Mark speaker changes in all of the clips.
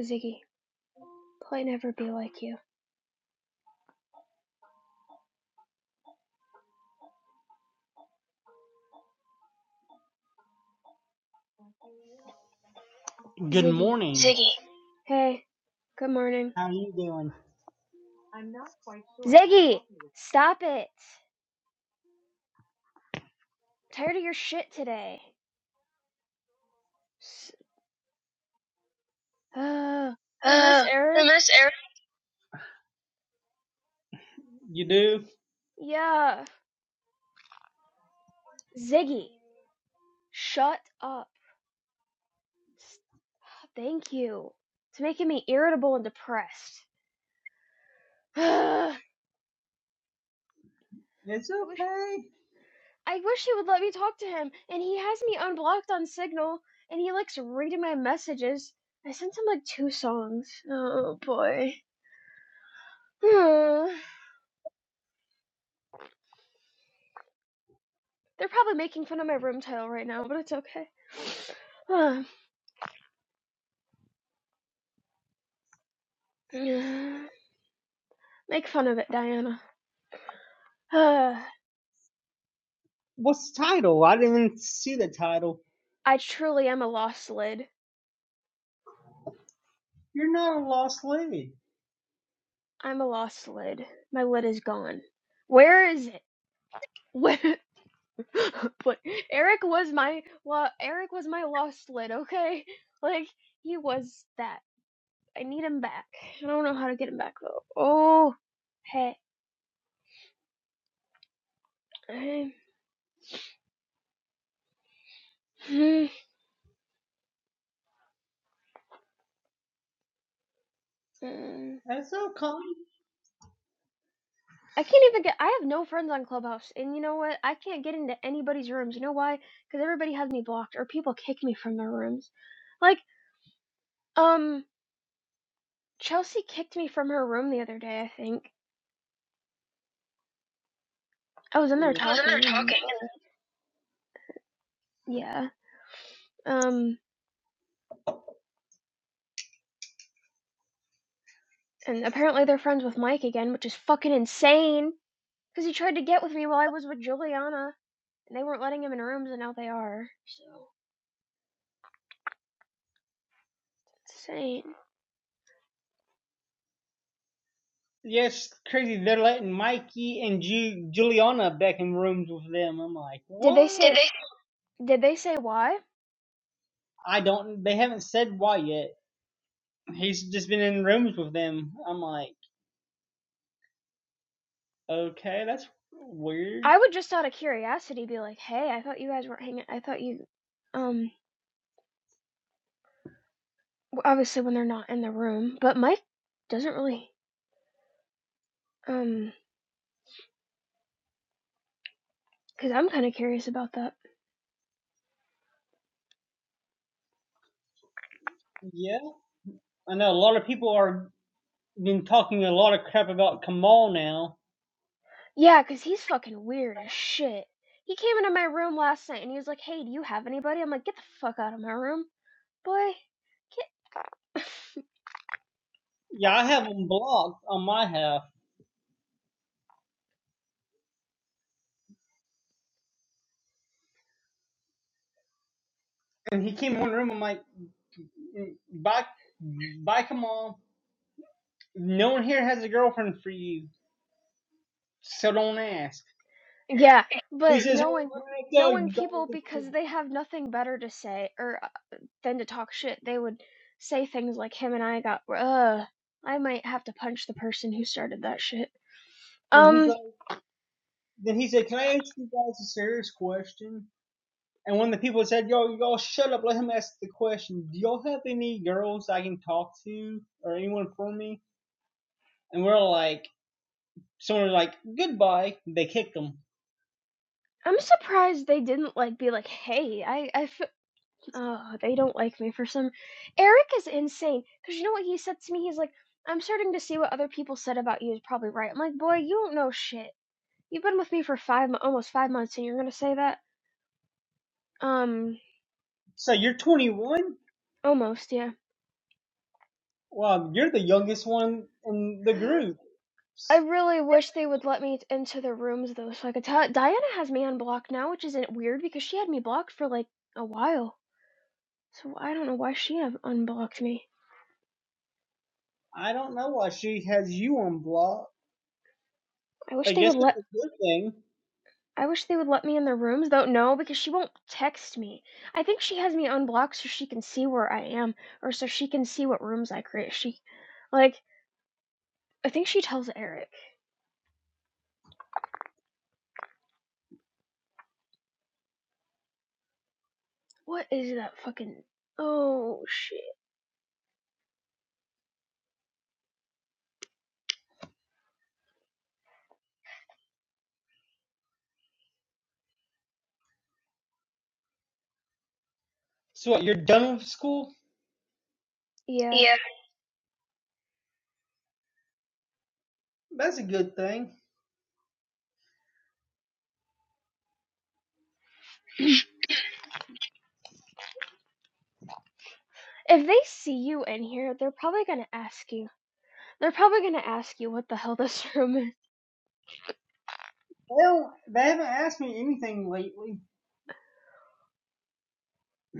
Speaker 1: Ziggy, play never be like you.
Speaker 2: Good
Speaker 1: Ziggy,
Speaker 2: morning. Ziggy.
Speaker 1: hey, good morning.
Speaker 2: How are you doing?
Speaker 1: Ziggy, stop it. I'm Tired of your shit today. uh, I miss
Speaker 2: Uh, I
Speaker 1: Eric.
Speaker 2: miss Eric. You do?
Speaker 1: Yeah. Ziggy, shut up. Stop. Thank you. It's making me irritable and depressed.
Speaker 2: It's
Speaker 1: Uh, I wish
Speaker 2: okay.
Speaker 1: I wish he would let me talk to him. And he has me unblocked on Signal, and he likes reading my messages. I sent him like two songs. Oh boy. Uh. They're probably making fun of my room title right now, but it's okay. Ah, Make fun of it, Diana. Ah,
Speaker 2: What's the title? I didn't even see the title.
Speaker 1: I truly am a lost lid.
Speaker 2: You're not a lost lady.
Speaker 1: I'm a lost lid. My lid is gone. Where is it? Where? but Eric was my well, Eric was my lost lid. Okay, like he was that. I need him back. I don't know how to get him back though. Oh, hey. mm.
Speaker 2: That's okay. I
Speaker 1: I can't even get. I have no friends on Clubhouse, and you know what? I can't get into anybody's rooms. You know why? Because everybody has me blocked, or people kick me from their rooms. Like, um, Chelsea kicked me from her room the other day. I think I was in there
Speaker 2: was in there
Speaker 1: talking, and
Speaker 2: talking. and-
Speaker 1: yeah, um, and apparently they're friends with Mike again, which is fucking insane. Because he tried to get with me while I was with Juliana, and they weren't letting him in rooms, and now they are. So insane.
Speaker 2: Yes, yeah, crazy. They're letting Mikey and Ju- Juliana back in rooms with them. I'm like,
Speaker 1: Did they
Speaker 2: what? Did
Speaker 1: say?
Speaker 2: they?
Speaker 1: Did they say why?
Speaker 2: I don't. They haven't said why yet. He's just been in rooms with them. I'm like, okay, that's weird.
Speaker 1: I would just out of curiosity be like, "Hey, I thought you guys weren't hanging. I thought you, um, obviously when they're not in the room, but Mike doesn't really, um, because I'm kind of curious about that.
Speaker 2: Yeah, I know a lot of people are been talking a lot of crap about Kamal now.
Speaker 1: Yeah, because he's fucking weird as shit. He came into my room last night and he was like, "Hey, do you have anybody?" I'm like, "Get the fuck out of my room, boy. Get."
Speaker 2: Yeah, I have him blocked on my half. And he came in one room. I'm like, bye, bye, Kamal. No one here has a girlfriend for you, so don't ask.
Speaker 1: yeah,
Speaker 2: He
Speaker 1: but
Speaker 2: says, well,
Speaker 1: knowing
Speaker 2: go,
Speaker 1: knowing
Speaker 2: you guys
Speaker 1: people
Speaker 2: are
Speaker 1: because
Speaker 2: cool."
Speaker 1: they have nothing better to say or Than to talk shit, they would say things like him and I got uh I might have to punch the person who started that shit.
Speaker 2: Then he's
Speaker 1: Um
Speaker 2: like, then he said, can I ask you guys a serious question? And one of the people said, yo, y'all shut up. Let him ask the question. Do y'all have any girls I can talk to or anyone for me? And we're like, someone was like, goodbye. They kicked him.
Speaker 1: I'm surprised they didn't like be like, "Hey, I I f- oh, they don't like me for some Eric is insane cuz you know what he said to me? He's like, "I'm starting to see what other people said about you is probably right." I'm like, "Boy, you don't know shit. You've been with me for 5 almost 5 months and you're going to say that?" Um
Speaker 2: So you're 21?
Speaker 1: almost, yeah.
Speaker 2: Well, you're the youngest one in the group.
Speaker 1: I really wish they would let me into the rooms though, so I could tell. Diana has me unblocked now, which isn't weird because she had me blocked for like a while. So I don't know why she have unblocked me.
Speaker 2: I don't know why she has you on block.
Speaker 1: I wish
Speaker 2: I
Speaker 1: they
Speaker 2: guess
Speaker 1: would
Speaker 2: it's
Speaker 1: let.
Speaker 2: a good thing.
Speaker 1: I wish they would let me in the rooms though. No, because she won't text me. I think she has me unblocked so she can see where I am, or so she can see what rooms I create. She, like, I think she tells Eric. What is that fucking? Oh shit.
Speaker 2: So what, you're done with school?
Speaker 1: Yeah.
Speaker 2: Yeah. That's a good thing.
Speaker 1: if they see you in here, they're probably gonna ask you. They're probably gonna ask you what the hell this room is.
Speaker 2: Well, they haven't asked me anything lately.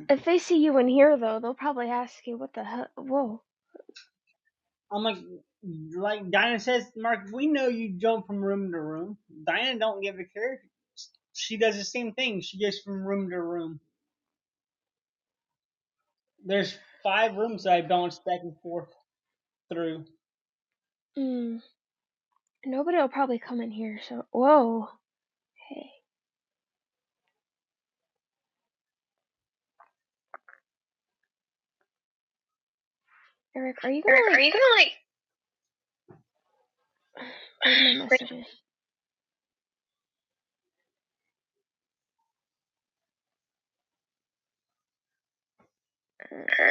Speaker 1: If they see you in here, though, they'll probably ask you what the hell. Whoa.
Speaker 2: I'm like, like Diana says, Mark, we know you jump from room to room. Diana don't give a care. She does the same thing. She goes from room to room. There's five rooms that I bounce back and forth through.
Speaker 1: Mm, nobody will probably come in here. So whoa. Hey, Eric, are you
Speaker 2: Eric,
Speaker 1: gonna
Speaker 2: are
Speaker 1: like
Speaker 2: you gonna like?
Speaker 1: read my
Speaker 2: Wait,
Speaker 1: messages? Er,
Speaker 2: uh,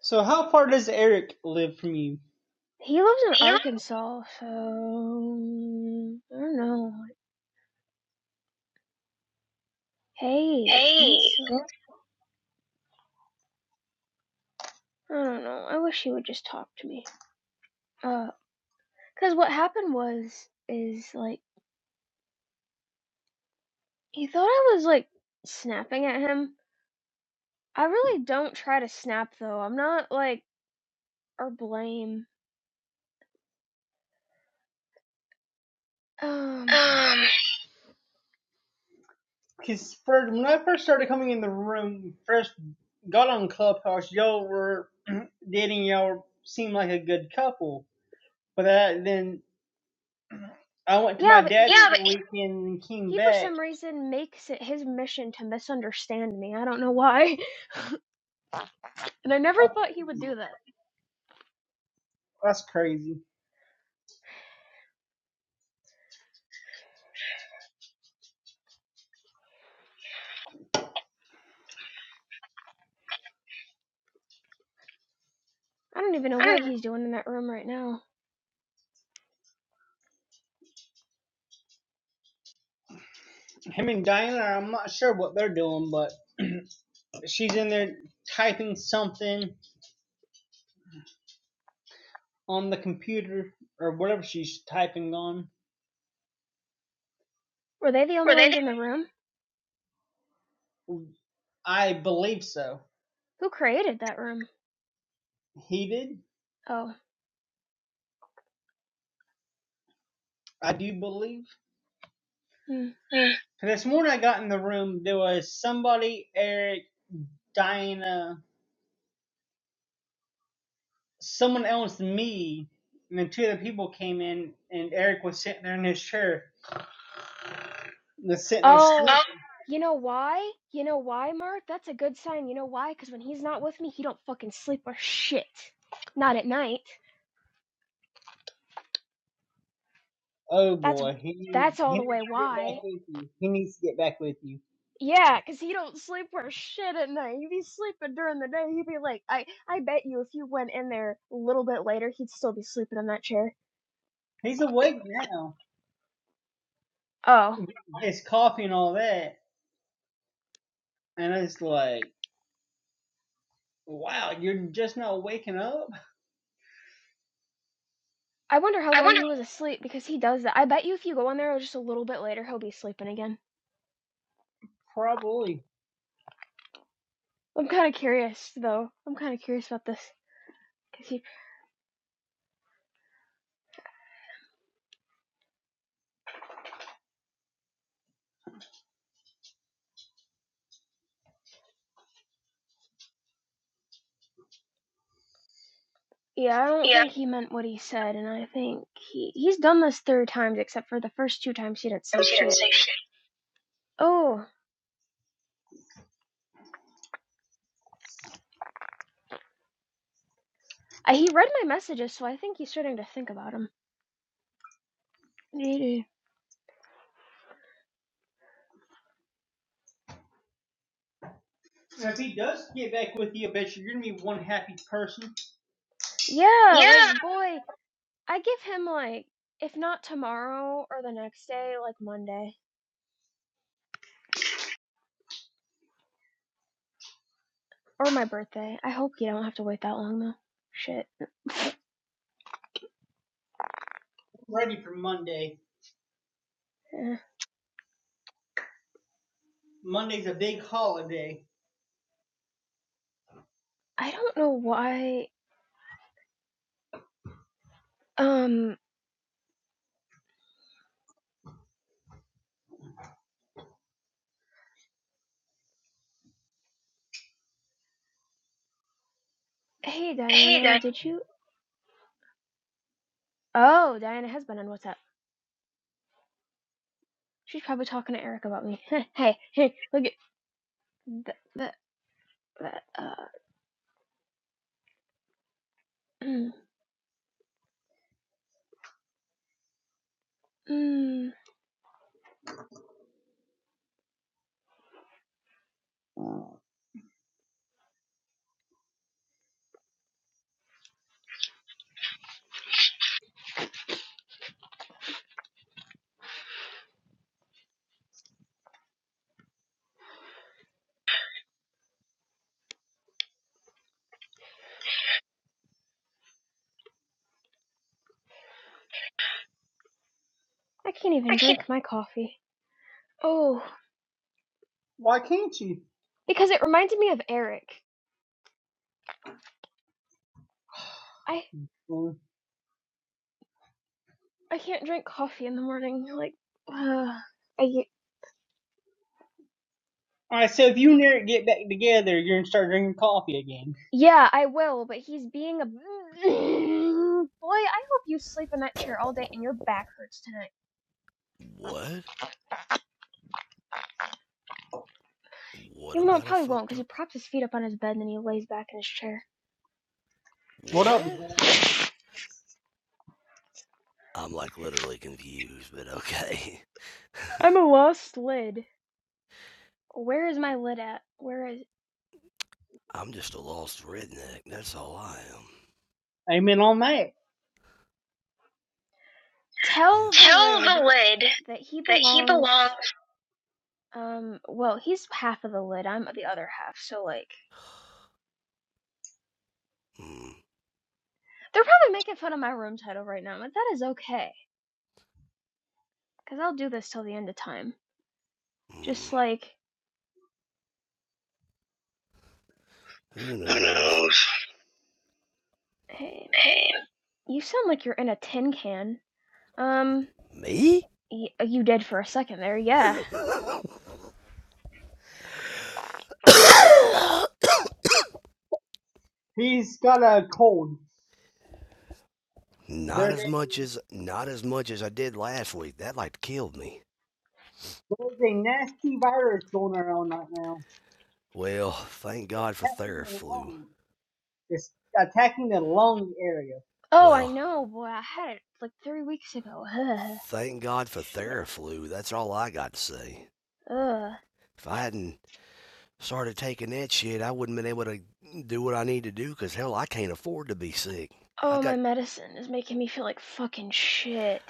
Speaker 2: So how far does Eric live from you?
Speaker 1: He lives in
Speaker 2: He lives
Speaker 1: Arkansas, so mm, I don't know. like, Hey, he needs
Speaker 2: eight.
Speaker 1: to like. I don't know. I wish he would just talk to me. Uh, cause what happened was is like he thought I was like snapping at him I really don't try to snap though. I'm not like or blame. Um,
Speaker 2: Um, Because when I first started coming in the room, first got on Clubhouse, y'all were dating, y'all seemed like a good couple. But that, then I went to
Speaker 1: yeah,
Speaker 2: my
Speaker 1: but
Speaker 2: dad's
Speaker 1: he
Speaker 2: yeah, for but the weekend and came
Speaker 1: he for
Speaker 2: back.
Speaker 1: some reason makes it his mission to misunderstand me. I don't know why, and I never
Speaker 2: That's
Speaker 1: thought he would
Speaker 2: crazy.
Speaker 1: do that.
Speaker 2: That's crazy.
Speaker 1: I don't even know
Speaker 2: I don't
Speaker 1: what
Speaker 2: know.
Speaker 1: he's doing in that room right now.
Speaker 2: Him and Diana, I'm not sure what they're doing, but she's in there typing something on the computer or whatever she's typing on.
Speaker 1: Were they the only
Speaker 2: Were they?
Speaker 1: ones in the room?
Speaker 2: I believe so.
Speaker 1: Who created that room?
Speaker 2: Heated,
Speaker 1: Oh,
Speaker 2: I do believe.
Speaker 1: hmm.
Speaker 2: This morning I got in the room, there was somebody, Eric, Diana, someone else, me, and then two other people came in, and Eric was sitting there in his chair, was sitting there sleeping.
Speaker 1: oh,
Speaker 2: Oh
Speaker 1: you know why? You know why, Mark? That's a good sign. You know why? Because when he's not with me, he don't fucking sleep or shit. Not at night.
Speaker 2: oh
Speaker 1: That's
Speaker 2: boy, he
Speaker 1: that's all
Speaker 2: he
Speaker 1: the
Speaker 2: needs
Speaker 1: way
Speaker 2: to get back
Speaker 1: why.
Speaker 2: with you. He needs to get back with you.
Speaker 1: Yeah, 'cause he don't sleep for shit at night. He'd be sleeping during the day. He'd be like, I, I bet you if you went in there a little bit later, he'd still be sleeping in that chair.
Speaker 2: He's awake now.
Speaker 1: Oh,
Speaker 2: His coffee and all that, and it's like, wow, you're just not waking up.
Speaker 1: I wonder how
Speaker 2: I
Speaker 1: long
Speaker 2: wonder.
Speaker 1: he was asleep because he does that. I bet you if you go in there just a little bit later, he'll be sleeping again.
Speaker 2: Probably.
Speaker 1: I'm kind of curious though. I'm kind of curious about this. 'Cause he, yeah, I don't
Speaker 2: Yeah.
Speaker 1: think he meant what he said, and I think he he's done this three times, except for the first two times he didn't
Speaker 2: But
Speaker 1: say
Speaker 2: he didn't
Speaker 1: shit.
Speaker 2: say shit.
Speaker 1: Oh, I, he read my messages, so I think he's starting to think about him.
Speaker 2: Now, If he does get back with you, I bet you you're gonna be one happy person.
Speaker 1: Yeah,
Speaker 2: Yeah.
Speaker 1: like boy, I give him like if not tomorrow or the next day, like Monday or my birthday. I hope you don't have to wait that long though. Shit.
Speaker 2: I'm Ready for Monday.
Speaker 1: Eh.
Speaker 2: Monday's a big holiday.
Speaker 1: I don't know why. Um, hey
Speaker 2: Hey,
Speaker 1: Diana,
Speaker 2: Dad.
Speaker 1: did you Oh, Diana has been on WhatsApp. She's probably talking to Eric about me. hey, hey, look at that that that uh mm, I can't even
Speaker 2: I can't.
Speaker 1: drink my coffee. Oh,
Speaker 2: Why can't you?
Speaker 1: because it reminded me of Eric. I.
Speaker 2: All
Speaker 1: I can't drink coffee in the morning. Like, uh, I y-
Speaker 2: right. So if you and Eric get back together, you're gonna start drinking coffee again.
Speaker 1: yeah, I will, but he's being a boy. I hope you sleep in that chair all day and your back hurts tonight.
Speaker 3: What? What
Speaker 1: Even though it
Speaker 3: about a
Speaker 1: probably won't,
Speaker 3: fucked
Speaker 1: because he
Speaker 3: up?
Speaker 1: props his feet up on his bed and then he lays back in his chair.
Speaker 2: What up,
Speaker 3: What?
Speaker 2: Zara?
Speaker 3: I'm like literally confused, but okay.
Speaker 1: I'm a lost lid. Where is my lid at? Where is?
Speaker 3: I'm just a lost redneck. That's all I am.
Speaker 2: Amen on that.
Speaker 3: Yeah.
Speaker 1: Tell the
Speaker 2: Tell
Speaker 1: lid
Speaker 2: the lid
Speaker 1: that he
Speaker 2: that he
Speaker 1: belongs.
Speaker 2: belongs.
Speaker 1: Um, well, he's half of the lid. I'm the other half. So like,
Speaker 3: Hmm.
Speaker 1: they're probably making fun of my room title right now, but that is okay, because I'll do this till the end of time.
Speaker 3: Hmm.
Speaker 1: Just like,
Speaker 3: Who
Speaker 2: Who
Speaker 3: knows?
Speaker 2: knows?
Speaker 1: hey,
Speaker 2: Hey,
Speaker 1: you sound like you're in a tin can. Um,
Speaker 3: Me?
Speaker 1: y- uh, you did for a second there, yeah.
Speaker 2: He's got a cold.
Speaker 3: not
Speaker 2: There's a,
Speaker 3: as much as not as much as I did last week. That like killed me.
Speaker 2: there's a nasty virus going around right now,
Speaker 3: Well, thank God for
Speaker 2: attacking the
Speaker 3: Theraflu.
Speaker 2: lung. It's attacking the lung area.
Speaker 1: Oh, I
Speaker 3: Well,
Speaker 1: know, boy, I had it like three weeks ago. Ugh,
Speaker 3: thank God for
Speaker 1: shit,
Speaker 3: Theraflu. That's all I got to say.
Speaker 1: ugh.
Speaker 3: If I hadn't started taking that shit, I wouldn't been able to do what I need to do because hell, I can't afford to be sick. I
Speaker 1: Oh, my
Speaker 3: got.
Speaker 1: medicine is making me feel like fucking shit.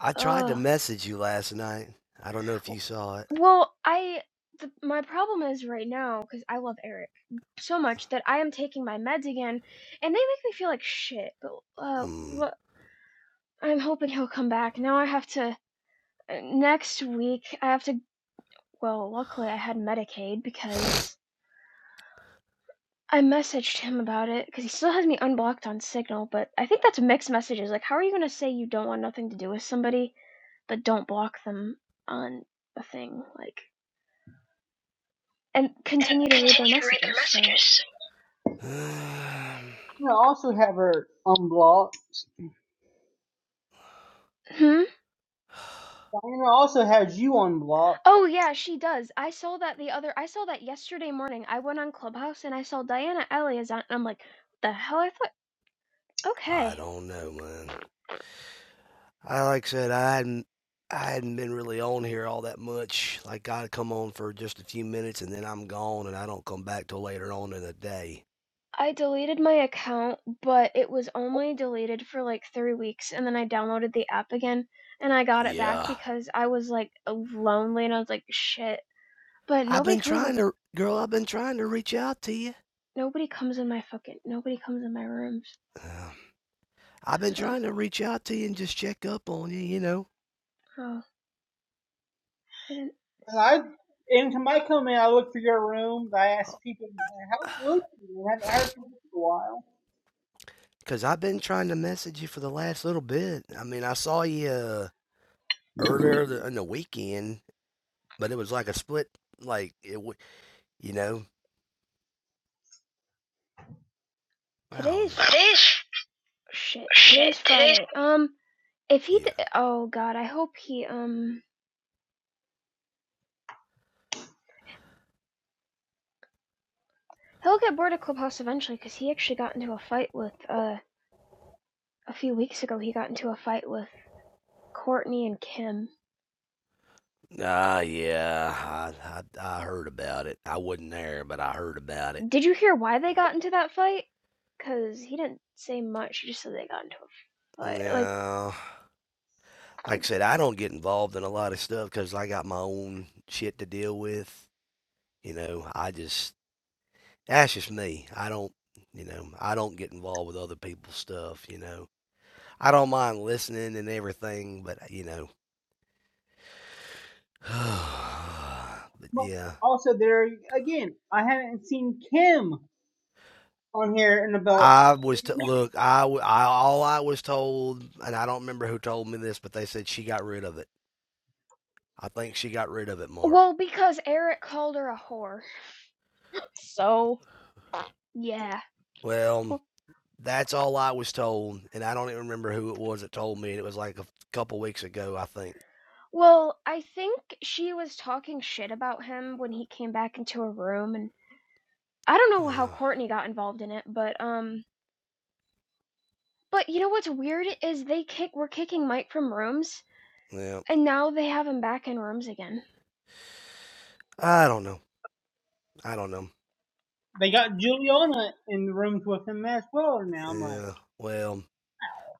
Speaker 3: I tried to
Speaker 1: Ugh.
Speaker 3: message you last night. I don't know if you saw it.
Speaker 1: Well, I, the, my problem is right now, because I love Eric so much that I am taking my meds again, and they make me feel like shit. But, uh,
Speaker 3: Mm.
Speaker 1: what, I'm hoping he'll come back. Now I have to, uh, next week, I have to Well, luckily I had Medicaid because I messaged him about it because he still has me unblocked on Signal, but I think that's mixed messages. Like, how are you going to say you don't want nothing to do with somebody, but don't block them on a thing? Like, and
Speaker 2: and
Speaker 1: continue to read
Speaker 2: continue
Speaker 1: their
Speaker 2: to read their
Speaker 1: messages, so.
Speaker 2: messages. I also have her unblocked.
Speaker 1: Hmm?
Speaker 2: Diana also has you unblocked.
Speaker 1: Oh, yeah, she does. I saw that the other, I saw that yesterday morning. I went on Clubhouse and I saw Diana Elias on, and I'm like, the hell? I thought,
Speaker 3: I
Speaker 1: okay.
Speaker 3: don't know, man. I like I said, I hadn't. I hadn't been really on here all that much. Like I would come on for just a few minutes and then I'm gone and I don't come back till later on in the day.
Speaker 1: I deleted my account, but it was only deleted for like three weeks, and then I downloaded the app again, and I got it back
Speaker 3: Yeah.
Speaker 1: because I was like lonely, and I was like, shit. But
Speaker 3: I've
Speaker 1: nobody
Speaker 3: been
Speaker 1: comes in.
Speaker 3: trying to, girl. I've been trying to reach out to you.
Speaker 1: Nobody comes in my fucking. Nobody comes in my rooms.
Speaker 3: Uh, I've been
Speaker 1: So,
Speaker 3: trying to reach out to you and just check up on you, you know,
Speaker 1: oh, I didn't.
Speaker 2: And I, into my comment, I look for your room. I ask
Speaker 3: Uh,
Speaker 2: people, how's Lucy? I haven't heard from her in a while.
Speaker 3: 'cause I've been trying to message you for the last little bit. I mean, I saw you uh, earlier the, in the weekend, but it was like a split, like it, w- you know, I don't
Speaker 1: Today's
Speaker 3: know.
Speaker 2: Today's
Speaker 1: shit.
Speaker 2: shit.
Speaker 1: Today's
Speaker 2: Today's
Speaker 1: Friday. Um, if he. D-
Speaker 3: Yeah.
Speaker 1: oh God, I hope he. Um, he'll get bored of Clubhouse eventually because he actually got into a fight with. Uh, a few weeks ago, he got into a fight with Courtney and Kim
Speaker 3: Ah, yeah. I, I I heard about it. I wasn't there, but I heard about it.
Speaker 1: Did you hear why they got into that fight? Cause he didn't say much. He just said they got into a fight. Like,
Speaker 3: No, like I said, I don't get involved in a lot of stuff 'cause I got my own shit to deal with. You know, I just That's just me. I don't, you know, I don't get involved with other people's stuff, you know. I don't mind listening and everything, but, uh, you know, but
Speaker 2: But
Speaker 3: yeah.
Speaker 2: also, there again, I haven't seen Kim on here in about.
Speaker 3: I was
Speaker 2: eighty
Speaker 3: to
Speaker 2: minutes.
Speaker 3: look. I, w- I all I was told, and I don't remember who told me this, but they said she got rid of it. I think she got rid of it, Mark.
Speaker 1: well, because Eric called her a whore. So Yeah.
Speaker 3: Well, that's all I was told, and I don't even remember who it was that told me. And it was like a couple weeks ago, I think.
Speaker 1: Well, I think she was talking shit about him when he came back into her room, and I don't
Speaker 3: Uh,
Speaker 1: know how Courtney got involved in it, but um, but you know what's weird is they kick were kicking Mike from rooms,
Speaker 3: yeah,
Speaker 1: and now they have him back in rooms again.
Speaker 3: I don't know. I don't know.
Speaker 2: They got Juliana in the rooms with him as well now, Mike.
Speaker 3: Yeah. Well,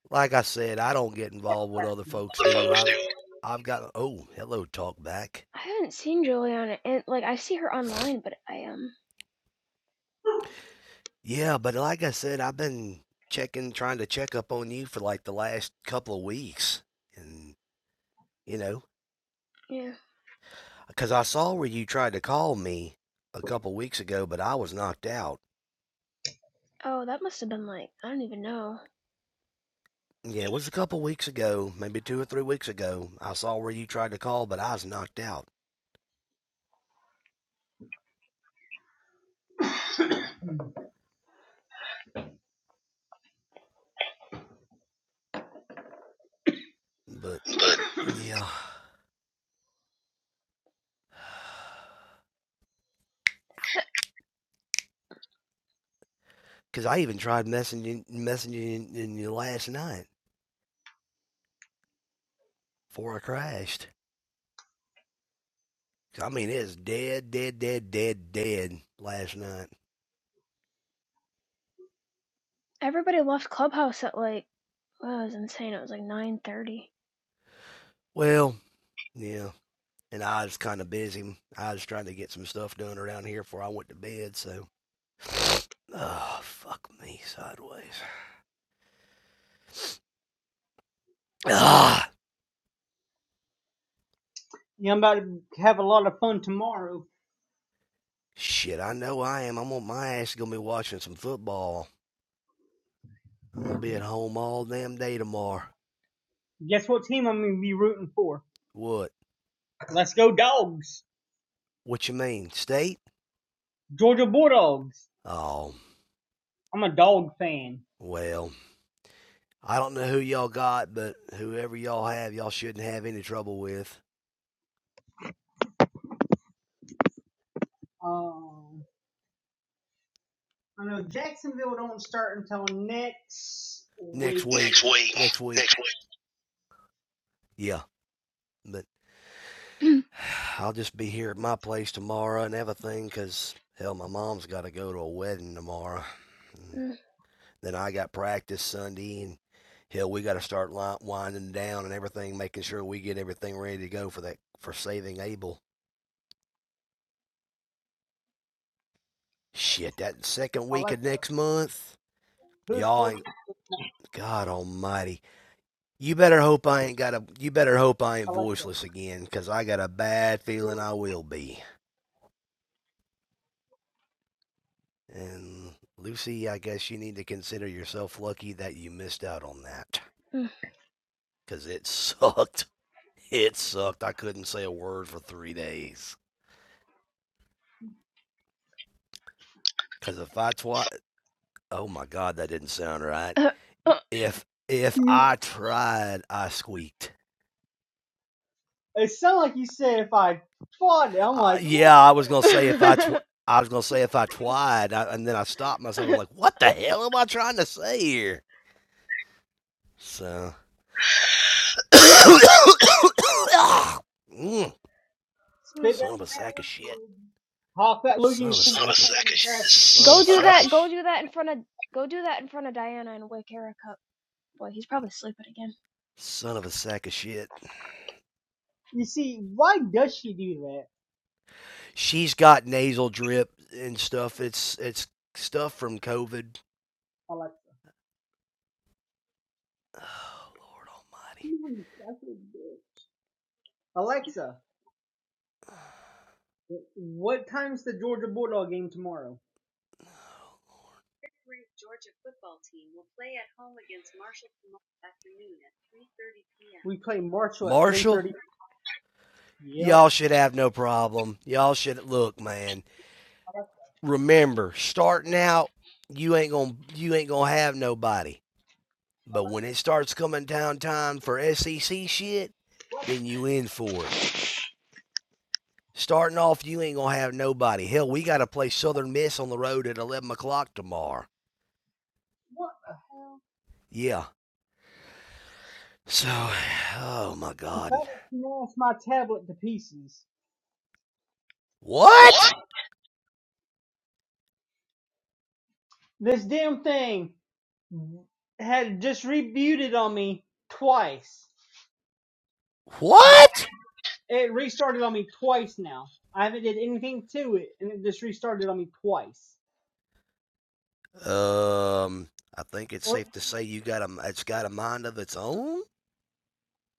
Speaker 3: like I said, I don't get involved what other folks
Speaker 2: The
Speaker 3: do.
Speaker 2: folks do.
Speaker 3: I've I've got oh, hello talk back.
Speaker 1: I haven't seen Juliana, and like I see her online, but I um,
Speaker 3: Yeah, but like I said, I've been checking trying to check up on you for like the last couple of weeks. And you know,
Speaker 1: yeah.
Speaker 3: cuz I saw where you tried to call me a couple weeks ago, but I was knocked out.
Speaker 1: Oh, that must have been like I don't even know.
Speaker 3: Yeah, it was a couple weeks ago, maybe 2 or 3 weeks ago. I saw where you tried to call, but I was knocked out. But yeah, cuz I even tried messaging messaging you last night before I crashed, I mean, it was dead, dead, dead, dead, dead last night.
Speaker 1: Everybody left Clubhouse at like wow, it was insane. It was like nine thirty.
Speaker 3: Well, yeah. And I was kind of busy. I was trying to get some stuff done around here before I went to bed, so. Oh, fuck me sideways. Ah,
Speaker 2: Yeah, I'm about to have a lot of fun tomorrow.
Speaker 3: shit, I know I am. I'm on my ass gonna be watching some football. I'm gonna be at home all damn day tomorrow.
Speaker 2: Guess what team I'm gonna be rooting for?
Speaker 3: What?
Speaker 2: Let's go dogs!
Speaker 3: What you mean, state?
Speaker 2: Georgia Bulldogs.
Speaker 3: Oh,
Speaker 2: I'm a dog fan.
Speaker 3: well, I don't know who y'all got, but whoever y'all have, y'all shouldn't have any trouble with.
Speaker 2: Um, I know Jacksonville don't start until next
Speaker 3: next
Speaker 2: week.
Speaker 3: week.
Speaker 2: Next week.
Speaker 3: Next week. Yeah. But I'll just be here at my place tomorrow and everything, 'cause hell, my mom's got to go to a wedding tomorrow. And
Speaker 1: Mm,
Speaker 3: then I got practice Sunday, and hell, we got to start winding down and everything, making sure we get everything ready to go for that for saving Abel. Shit, that second week of
Speaker 2: Alexa,
Speaker 3: next month,
Speaker 2: who's
Speaker 3: y'all
Speaker 2: Georgia?
Speaker 3: ain't God Almighty. You better hope I ain't got a. You better hope I ain't
Speaker 2: Alexa,
Speaker 3: voiceless again, 'cause I got a bad feeling I will be. And Lucy, I guess you need to consider yourself lucky that you missed out on that.
Speaker 1: mm.
Speaker 3: Because it sucked. It sucked. I couldn't say a word for three days. Because if I twi oh my God, that didn't sound right.
Speaker 1: Uh, uh.
Speaker 3: If if
Speaker 2: who
Speaker 3: I tried, I squeaked.
Speaker 2: It sounded like you said if I fought it, I'm
Speaker 3: Uh,
Speaker 2: like, "Whoa."
Speaker 3: yeah, I was gonna say if I twi I was gonna say if I twied, I, and then I stopped myself. I'm like, what the hell am I trying to say here? So, Mm,
Speaker 2: spit
Speaker 3: son of
Speaker 2: that
Speaker 3: a sack of shit.
Speaker 2: hop that looking.
Speaker 3: Son of a
Speaker 2: Son of a
Speaker 3: sack of son of a
Speaker 1: go do
Speaker 3: sack
Speaker 1: that.
Speaker 3: of
Speaker 1: Go do that in front of. Go do that in front of Diana and wake Eric up. Boy, he's probably sleeping again.
Speaker 3: son of a sack of shit.
Speaker 2: You see, why does she do that,
Speaker 3: She's got nasal drip and stuff. It's it's stuff from COVID.
Speaker 2: Alexa?
Speaker 3: Oh Lord Almighty,
Speaker 2: Alexa, what time's the Georgia Bulldog game tomorrow? Yeah. We play Marshall at
Speaker 3: Marshall,
Speaker 2: 3:30. Yep.
Speaker 3: y'all should have no problem. Y'all should look, man.
Speaker 2: Alexa,
Speaker 3: Remember, starting out, you ain't gonna you ain't gonna have nobody. But when
Speaker 2: Alexa,
Speaker 3: it starts coming down time for SEC shit,
Speaker 2: what,
Speaker 3: then you in for it. Starting off, you ain't gonna have nobody. Hell, we gotta play Southern Miss on the road at eleven o'clock tomorrow.
Speaker 2: what the hell?
Speaker 3: Yeah. So, oh my God.
Speaker 2: That smashed my tablet to pieces.
Speaker 3: What?
Speaker 2: What? This damn thing had just rebooted on me twice.
Speaker 3: What?
Speaker 2: It restarted on me twice now. I haven't did anything to it, and it just restarted on me twice.
Speaker 3: Um, I think it's
Speaker 2: Or
Speaker 3: safe to say you got a. It's got a mind of its own.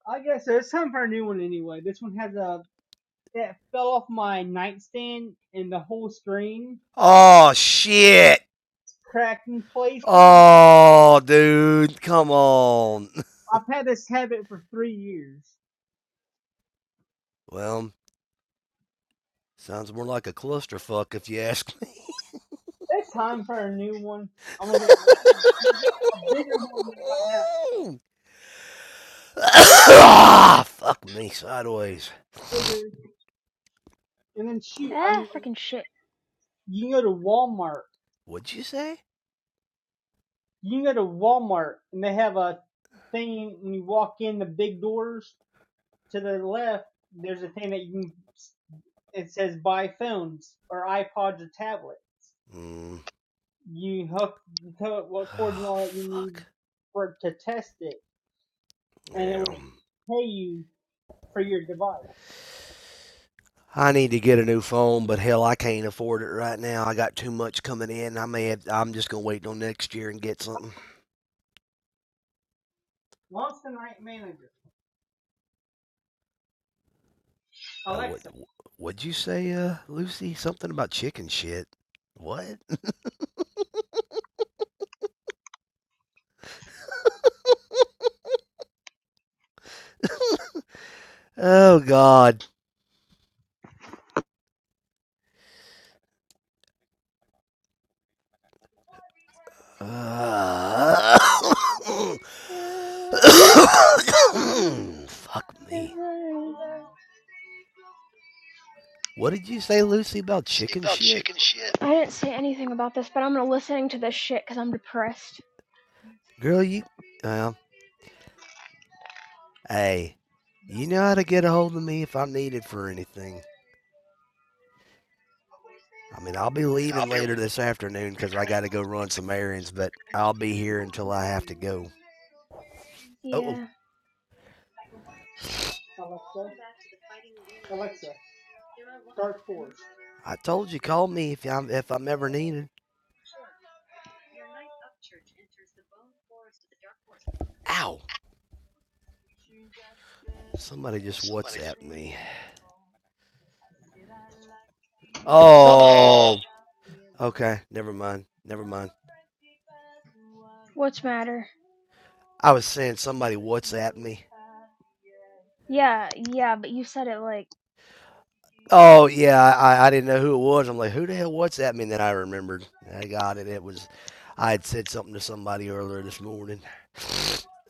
Speaker 2: I guess so, it's time for a new one anyway. This one has a that fell off my nightstand, and the whole screen
Speaker 3: Oh shit.
Speaker 2: cracked in places.
Speaker 3: Oh, dude, come on.
Speaker 2: I've had this habit for three years.
Speaker 3: Well, sounds more like a clusterfuck if you ask me.
Speaker 2: It's time for a new one. I'm gonna get a bigger one than I have,
Speaker 3: Ah, fuck me sideways.
Speaker 2: bigger, and then shoot, I'm.
Speaker 1: Ah, fucking shit.
Speaker 2: You can go to Walmart
Speaker 3: What'd you say?
Speaker 2: You go to Walmart and they have a thing when you walk in the big doors to the left. There's a thing that you can. It says buy phones or iPods or tablet.
Speaker 3: Mm.
Speaker 2: You hook you tell it what cords and
Speaker 3: Oh,
Speaker 2: all that you need
Speaker 3: fuck.
Speaker 2: for it to test it, and it
Speaker 3: Yeah.
Speaker 2: will pay you for your device.
Speaker 3: I need to get a new phone, but hell, I can't afford it right now. I got too much coming in. I may have, I'm just gonna wait till next year and get something.
Speaker 2: Launch the night manager,
Speaker 3: Uh, what?
Speaker 2: Alexa. I
Speaker 3: What'd you say, uh, Lucy? Something about chicken shit. What? Oh God. Uh, fuck me. What did you say, Lucy, about chicken shit?
Speaker 1: I didn't say anything about this, but I'm gonna listening to this shit because I'm depressed.
Speaker 3: Girl, you. Well, hey, you know how to get a hold of me if I'm needed for anything. I mean, I'll be
Speaker 2: mean, I'll
Speaker 3: leaving
Speaker 2: be
Speaker 3: later
Speaker 2: like,
Speaker 3: this afternoon 'cause I got to go run some errands, but I'll be here
Speaker 2: Launch the
Speaker 3: until I have
Speaker 2: night
Speaker 3: to go.
Speaker 2: manager,
Speaker 3: Oh,
Speaker 1: Yeah.
Speaker 2: Alexa. Start force.
Speaker 3: I told you, call me if I'm if I'm ever needed. Ow! Somebody just
Speaker 2: somebody
Speaker 3: WhatsApped
Speaker 2: just,
Speaker 3: me.
Speaker 2: So oh,
Speaker 3: Oh, okay. Never mind. Never mind.
Speaker 1: What's matter?
Speaker 3: I was saying somebody WhatsApped me.
Speaker 1: Yeah, yeah, but you said it like
Speaker 3: Oh yeah, I, I didn't know who it was. I'm like, who the hell? What's that? And then I remembered. I got it. It was I had said something to somebody earlier this morning.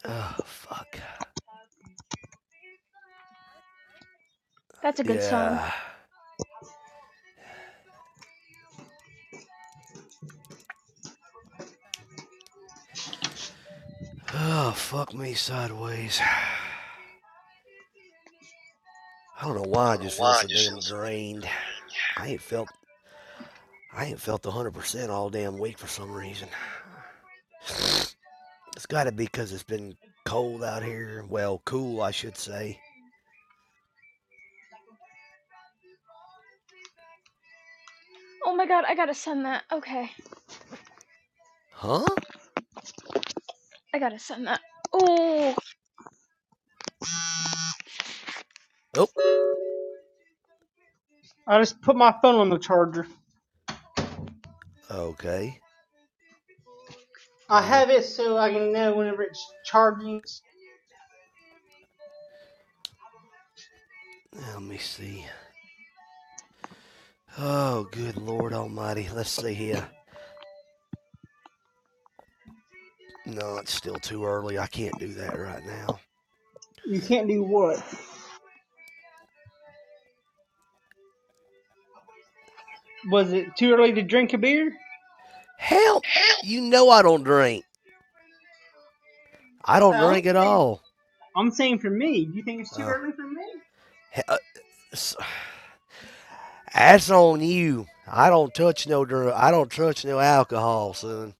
Speaker 3: Oh fuck.
Speaker 1: that's a good song.
Speaker 3: Yeah. Oh fuck me sideways. I don't know
Speaker 2: I
Speaker 3: why I
Speaker 2: don't know
Speaker 3: just feel
Speaker 2: why I
Speaker 3: so
Speaker 2: just feel
Speaker 3: damn
Speaker 2: so damn
Speaker 3: drained. I ain't felt I ain't felt 100% all damn week for some reason. It's got to be because it's been cold out here. Well, cool, I should say.
Speaker 1: Oh my god, I gotta send that. Okay,
Speaker 3: Huh?
Speaker 1: I gotta send that. Oh,
Speaker 3: Oh,
Speaker 2: I just put my phone on the charger.
Speaker 3: okay.
Speaker 2: I
Speaker 3: Well,
Speaker 2: have it so I can know whenever it's charging.
Speaker 3: let me see. Oh, good Lord Almighty. Let's see here. No, it's still too early. I can't do that right now.
Speaker 2: You can't do what? Was it too early to drink a beer?
Speaker 3: Help! You know I don't drink. I don't
Speaker 2: I'm
Speaker 3: drink at
Speaker 2: saying,
Speaker 3: all.
Speaker 2: I'm saying for me. Do you think it's too
Speaker 3: Uh,
Speaker 2: early for me?
Speaker 3: he- uh, s- that's on you. I don't touch no drink. I don't touch no alcohol, son.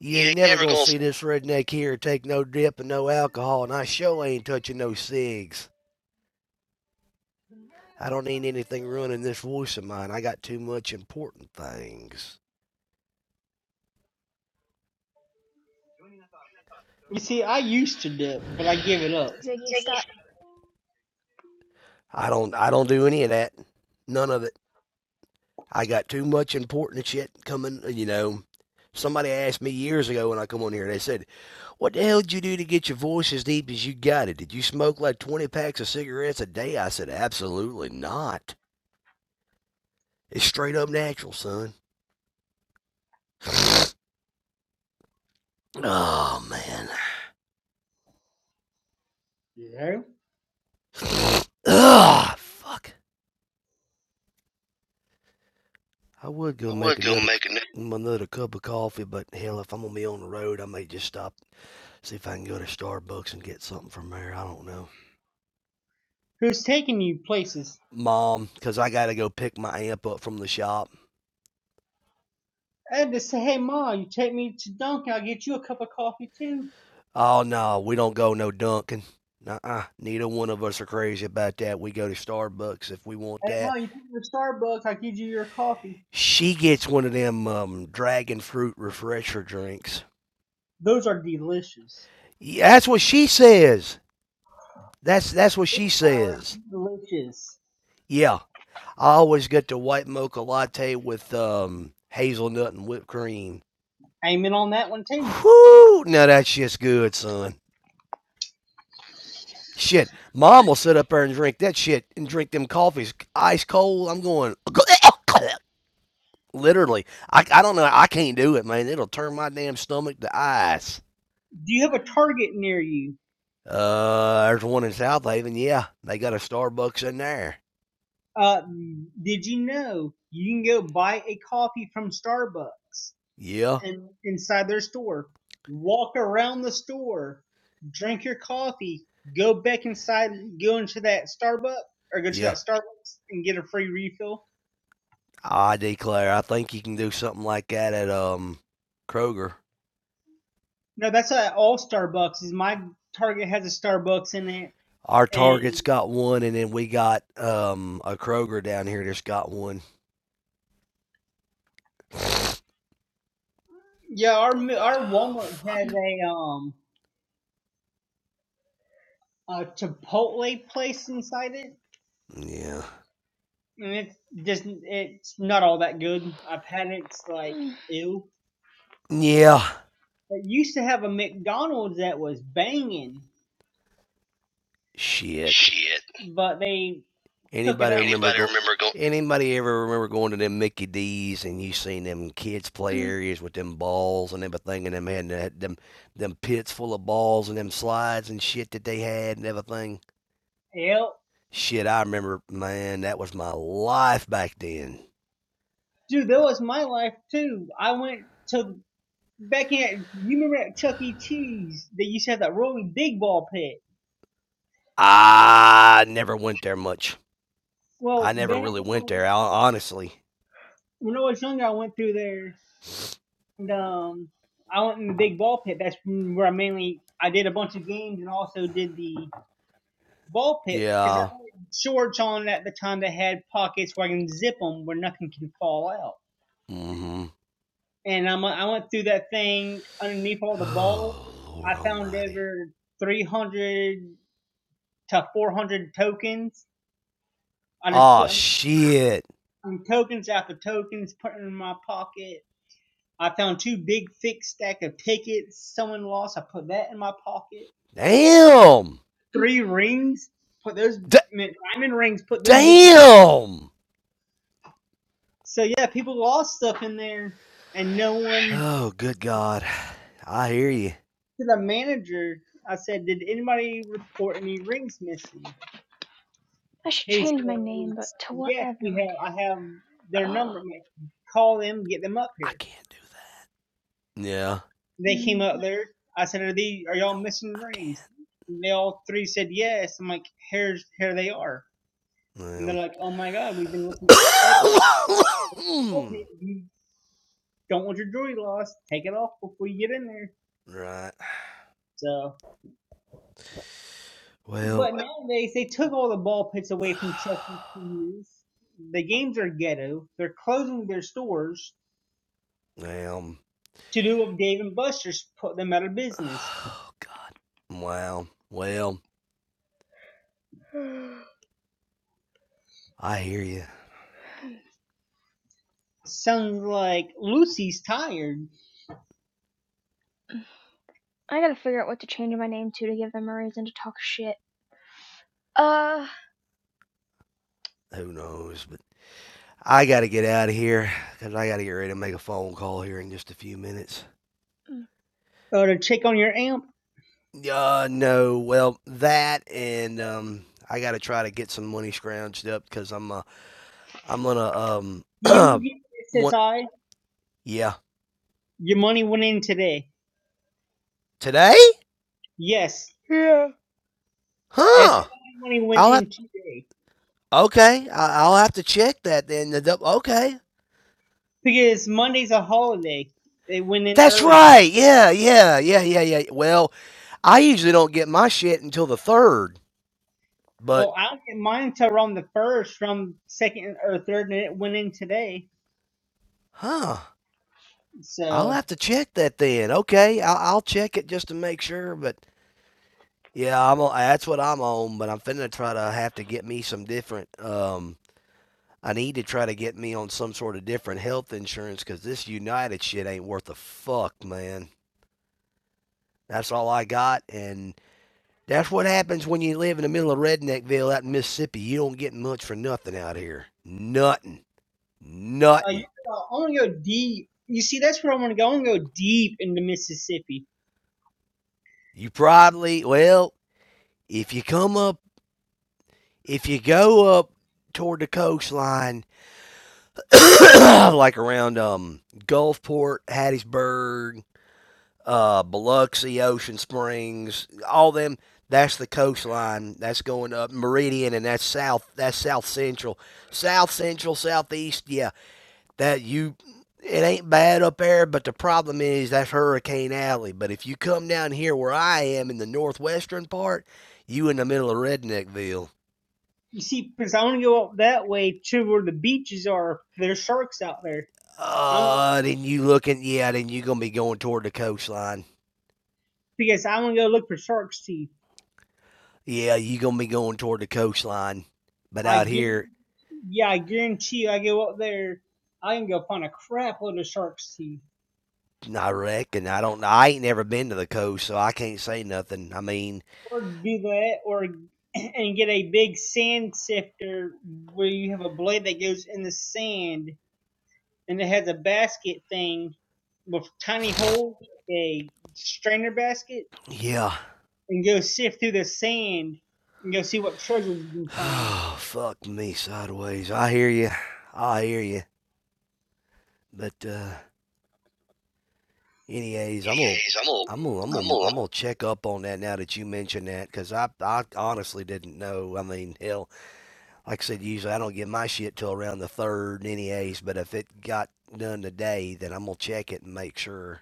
Speaker 3: You
Speaker 2: You
Speaker 3: ain't
Speaker 2: ain't
Speaker 3: never
Speaker 2: never
Speaker 3: gonna
Speaker 2: gonna. s-
Speaker 3: see this redneck here take no dip and no alcohol, and I sure ain't touching no cigs. I don't need anything ruining this voice of mine. I got too much important things.
Speaker 2: You see, I used to dip, but I give it up.
Speaker 1: Ziggy, stop.
Speaker 3: I don't. I don't do any of that. None of it. I got too much important shit coming, you know. Somebody asked me years ago when I come on here, they said, What the hell did you do to get your voice as deep as you got it? Did you smoke like 20 packs of cigarettes a day? I said, Absolutely not. It's straight up natural, son. Oh, man.
Speaker 2: You know?
Speaker 3: Ah, fuck. I would go
Speaker 2: I
Speaker 3: make
Speaker 2: would go
Speaker 3: another
Speaker 2: make a. nap.
Speaker 3: another cup of coffee, but hell, if I'm gonna be on the road, I may just stop, see if I can go to Starbucks and get something from there. I don't know.
Speaker 2: Who's taking you places?
Speaker 3: Mom, 'cause I gotta go pick my amp up from the shop.
Speaker 2: I had to say, hey, Ma, you take me to Dunkin', I'll get you a cup of coffee, too.
Speaker 3: Oh no, we don't go no Dunkin'. Nuh-uh. Neither one of us are crazy about that. We go to Starbucks if we want
Speaker 2: Hey,
Speaker 3: that.
Speaker 2: Ma, you take me to Starbucks, I'll give you your coffee.
Speaker 3: She gets one of them um, dragon fruit refresher drinks.
Speaker 2: Those are delicious.
Speaker 3: Yeah, that's what she says. That's that's what she says.
Speaker 2: Delicious.
Speaker 3: Yeah, I always get the white mocha latte with um, hazelnut and whipped cream.
Speaker 2: Aiming on that one too.
Speaker 3: Whoo! Now that shit's good, son. Shit, mom will sit up there and drink that shit and drink them coffees ice cold. I'm going. Literally, I, I don't know. I can't do it, man. It'll turn my damn stomach to ice.
Speaker 2: Do you have a Target near you?
Speaker 3: Uh, there's one in South Haven. Yeah, they got a Starbucks in there.
Speaker 2: Uh, did you know you can go buy a coffee from Starbucks
Speaker 3: Yeah,
Speaker 2: and inside their store? Walk around the store, drink your coffee, go back inside, go into that Starbucks or go to
Speaker 3: yeah.
Speaker 2: that Starbucks and get a free refill.
Speaker 3: I declare, I think you can do something like that at um Kroger.
Speaker 2: No, that's at all Starbucks. Is my Target has a Starbucks in it,
Speaker 3: Our
Speaker 2: and
Speaker 3: Target's got one, and then we got um a Kroger down here that's got one.
Speaker 2: yeah, our our
Speaker 3: Oh
Speaker 2: Walmart has
Speaker 3: fuck.
Speaker 2: a um a Chipotle place inside it,
Speaker 3: Yeah.
Speaker 2: and it's just it's not all that good. I've had it, it's like
Speaker 1: Mm.
Speaker 2: ew.
Speaker 3: Yeah.
Speaker 2: It used to have a McDonald's that was banging,
Speaker 3: Shit.
Speaker 2: Shit. but they took it
Speaker 3: Anybody
Speaker 2: out.
Speaker 3: remember
Speaker 2: Anybody
Speaker 3: going?
Speaker 2: remember going?
Speaker 3: Anybody ever remember going to them Mickey D's and you seen them kids play
Speaker 1: mm.
Speaker 3: areas with them balls and everything and them had that- them them pits full of balls and them slides and shit that they had and everything?
Speaker 2: Yep,
Speaker 3: Shit, I remember, man, that was my life back then.
Speaker 2: dude, that was my life too. I went to back in. You remember at Chuck E. Cheese? They used to have that rolling big ball pit.
Speaker 3: I never went there much. I
Speaker 2: Well,
Speaker 3: never
Speaker 2: back
Speaker 3: really went there, hon- honestly.
Speaker 2: when I was younger, I went through there and, um, I went in the big ball pit. That's where I mainly I did a bunch of games and also did the ball pit because I
Speaker 3: Yeah.
Speaker 2: had shorts on at the time that had pockets where I can zip them where nothing can fall out.
Speaker 3: Mm-hmm.
Speaker 2: And I'm, I went through that thing underneath all the balls.
Speaker 3: Oh,
Speaker 2: I
Speaker 3: Lord
Speaker 2: found
Speaker 3: Almighty.
Speaker 2: over 300 to 400 tokens. I just
Speaker 3: Oh
Speaker 2: put
Speaker 3: shit.
Speaker 2: um, tokens after tokens, put 'em in my pocket. I found two big thick stack of tickets someone lost. I put that in my pocket
Speaker 3: Damn.
Speaker 2: three rings. Put those diamond rings. Put them midgets.
Speaker 3: Damn.
Speaker 2: So yeah, people lost stuff in there, and no one
Speaker 3: Oh, good God. I hear you.
Speaker 2: to the manager. I said, "Did anybody report any rings missing?"
Speaker 1: I should
Speaker 2: He
Speaker 1: change my name, but
Speaker 2: says,
Speaker 1: to what? I
Speaker 2: "Yes,
Speaker 1: have no
Speaker 2: we
Speaker 1: idea.
Speaker 2: have. I have their
Speaker 1: Oh,
Speaker 2: number. like, Call them. Get them up
Speaker 3: I
Speaker 2: here."
Speaker 3: can't do that. Yeah.
Speaker 2: They came
Speaker 1: mm.
Speaker 2: up there. I said, "Are these? Are y'all
Speaker 3: No,
Speaker 2: missing
Speaker 3: I
Speaker 2: rings?" And they all three said yes. I'm like, "Here's here they are." And they're
Speaker 3: can't.
Speaker 2: like, "Oh my god, we've been looking everywhere." help
Speaker 3: Well.
Speaker 2: You don't want your jewelry lost. Take it off before you get in there.
Speaker 3: right.
Speaker 2: So,
Speaker 3: Well,
Speaker 2: but nowadays they took all the ball pits away from Chuck E. Cheese. The games are ghetto. They're closing their stores
Speaker 3: damn.
Speaker 2: to do what Dave and Buster's put them out of business.
Speaker 3: Oh God. wow. Well, I hear you.
Speaker 2: Sounds like Lucy's tired.
Speaker 1: I gotta figure out what to change my name to to give them a reason to talk shit. Uh,
Speaker 3: Who knows? But I got to get out of here because I got to get ready to make a phone call here in just a few minutes.
Speaker 1: mm,
Speaker 2: Or to check on your amp.
Speaker 3: Uh, no. Well, that and, um, I got to try to get some money scrounged up because I'm, uh, I'm gonna
Speaker 2: Do you
Speaker 3: um
Speaker 2: get
Speaker 3: one
Speaker 2: SSI?
Speaker 3: yeah
Speaker 2: Your money went in today.
Speaker 3: today?
Speaker 2: Yes, SSI
Speaker 3: Huh?
Speaker 2: money went
Speaker 3: I'll have
Speaker 2: in today
Speaker 3: okay. I, I'll have to check that then. okay,
Speaker 2: because Monday's a holiday. It went in
Speaker 3: that's
Speaker 2: early
Speaker 3: right. Yeah, yeah, yeah, yeah, yeah. Well, I usually don't get my shit until the third, but
Speaker 2: Well, I will get mine until around the first, from second or third, and it went in today.
Speaker 3: huh? I'll
Speaker 2: So
Speaker 3: have to check that then. Okay, I'll, I'll check it just to make sure. But yeah, I'm on, that's what I'm on. But I'm finna try to have to get me some different um I need to try to get me on some sort of different health insurance because this United shit ain't worth a fuck, man. That's all I got, and that's what happens when you live in the middle of Redneckville out in Mississippi. You don't get much for nothing out here. Nothing.
Speaker 2: uh, you,
Speaker 3: Nothing.
Speaker 2: uh, I want to go deep. You see, that's where I want to go. I want to go deep into Mississippi.
Speaker 3: You probably, well, if you come up, if you go up toward the coastline, like around um Gulfport, Hattiesburg, uh, Biloxi, Ocean Springs, all them. That's the coastline. That's going up Meridian, and that's south. That's south central, south central, southeast. Yeah, that you. It ain't bad up there, but the problem is that's Hurricane Alley. But if you come down here where I am in the northwestern part, you in the middle of Redneckville.
Speaker 2: You see, because I want to go up that way to where the beaches are. There's sharks out there. I don't,
Speaker 3: Uh, then you looking, yeah, then you gonna be going toward the coastline.
Speaker 2: because I want to go look for sharks' teeth.
Speaker 3: Yeah, you gonna be going toward the coastline. But
Speaker 2: I
Speaker 3: out
Speaker 2: guarantee.
Speaker 3: here,
Speaker 2: yeah, I guarantee you, I go up there, I can go find a crap load of sharks' teeth.
Speaker 3: I reckon. I don't. I ain't never been to the coast, so I can't say nothing. I mean,
Speaker 2: or do that or and get a big sand sifter where you have a blade that goes in the sand and it has a basket thing with a tiny hole a strainer basket
Speaker 3: yeah.
Speaker 2: and go sift through the sand and go see what treasures you can find
Speaker 3: Oh, Fuck me sideways. I hear you. I hear you. But uh, anyways, I'm gonna,
Speaker 2: Anyways, I'm
Speaker 3: I'm gonna, I'm
Speaker 2: gonna, I'm
Speaker 3: gonna,
Speaker 2: gonna,
Speaker 3: I'm gonna check up on that now that you mentioned that, 'cause I, I honestly didn't know. I mean, hell, like I said, usually I don't get my shit till around the third, anyways. But if it got done today, then I'm gonna check it and make sure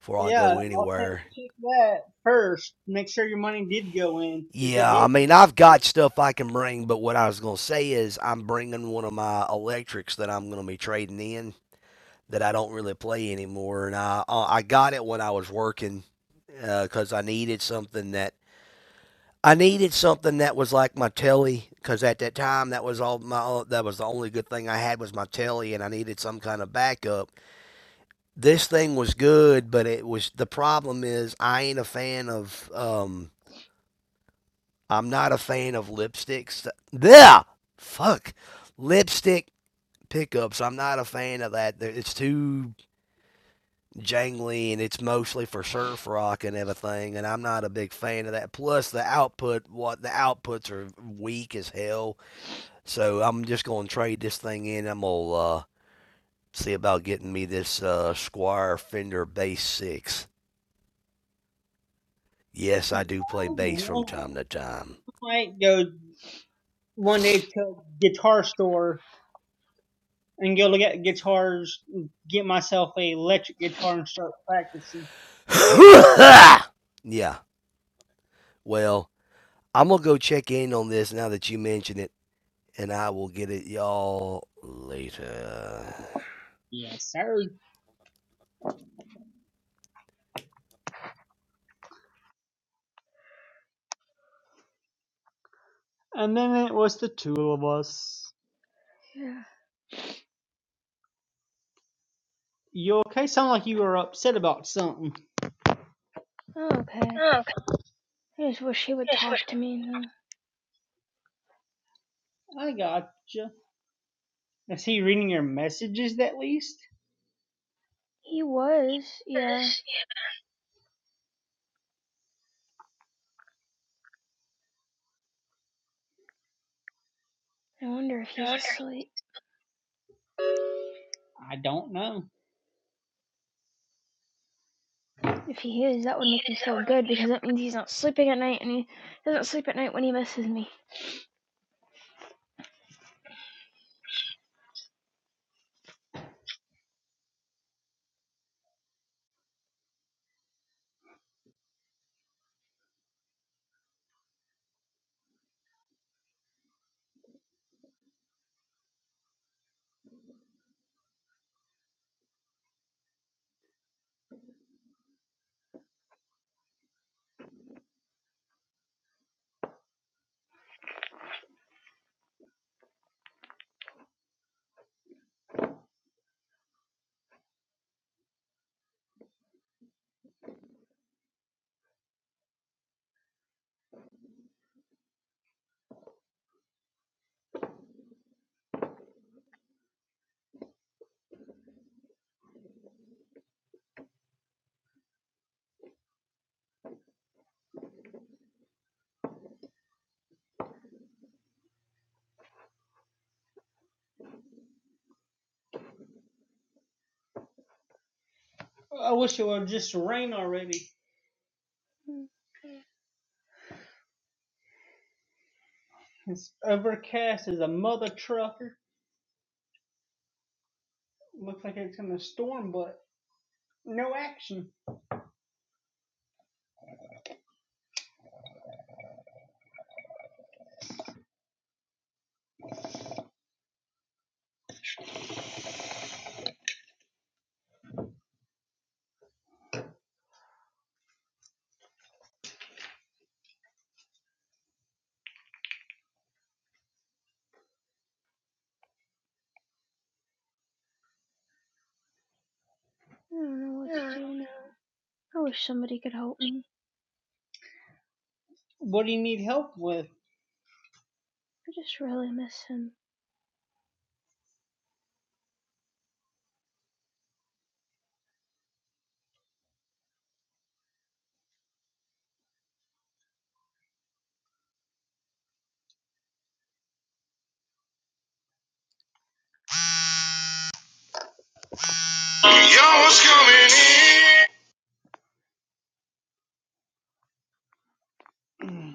Speaker 3: before I go
Speaker 2: yeah i'll take
Speaker 3: anywhere.
Speaker 2: check that first make sure your money did go in if it
Speaker 3: Yeah, I
Speaker 2: did
Speaker 3: mean, I've got stuff I can bring, but what I was going to say is I'm bringing one of my electrics that I'm going to be trading in that I don't really play anymore. And I uh, I got it when I was working because I needed something that I needed something that was like my telly because at that time that was all my uh, that was the only good thing I had was my telly and I needed some kind of backup. This thing was good, but it was the problem is I ain't a fan of um I'm not a fan of lipsticks. Yeah, fuck, lipstick pickups. I'm not a fan of that. It's too jangly, and it's mostly for surf rock and everything. And I'm not a big fan of that. Plus, the output, what the outputs are weak as hell. So I'm just gonna trade this thing in. I'm gonna uh, see about getting me this uh, Squire Fender Bass Six. Yes,
Speaker 2: you
Speaker 3: I do play bass from time to time.
Speaker 2: might go one day to guitar store and go look at guitars, get myself a electric guitar and start practicing.
Speaker 3: yeah. Well, I'm gonna go check in on this now that you mention it, and I will get it y'all later.
Speaker 2: Yes, sir. And then it was the two of us.
Speaker 1: yeah.
Speaker 2: You okay? Sound like you were upset about something.
Speaker 1: Oh, okay.
Speaker 2: Oh,
Speaker 1: I just wish he would
Speaker 2: this was
Speaker 1: talk to me. though.
Speaker 2: I gotcha. Is he reading your messages at least?
Speaker 1: He was, yeah.
Speaker 2: Yes.
Speaker 1: I wonder if
Speaker 2: Yeah, I
Speaker 1: he's
Speaker 2: wonder.
Speaker 1: asleep.
Speaker 2: I don't know.
Speaker 1: If he is, that would make
Speaker 2: Yeah,
Speaker 1: me
Speaker 2: does that
Speaker 1: feel
Speaker 2: would
Speaker 1: good
Speaker 2: make
Speaker 1: because that means he's not sleeping at night and he doesn't sleep at night when he misses me.
Speaker 2: me feel? I wish it would just rain already.
Speaker 1: Mm,
Speaker 2: It's overcast as a mother trucker. Looks like it's in a storm, but No action.
Speaker 1: I don't know what
Speaker 2: Mm.
Speaker 1: to do now. I wish somebody could help me.
Speaker 2: What do you need help with?
Speaker 1: I just really miss him.
Speaker 2: Y'all was coming in.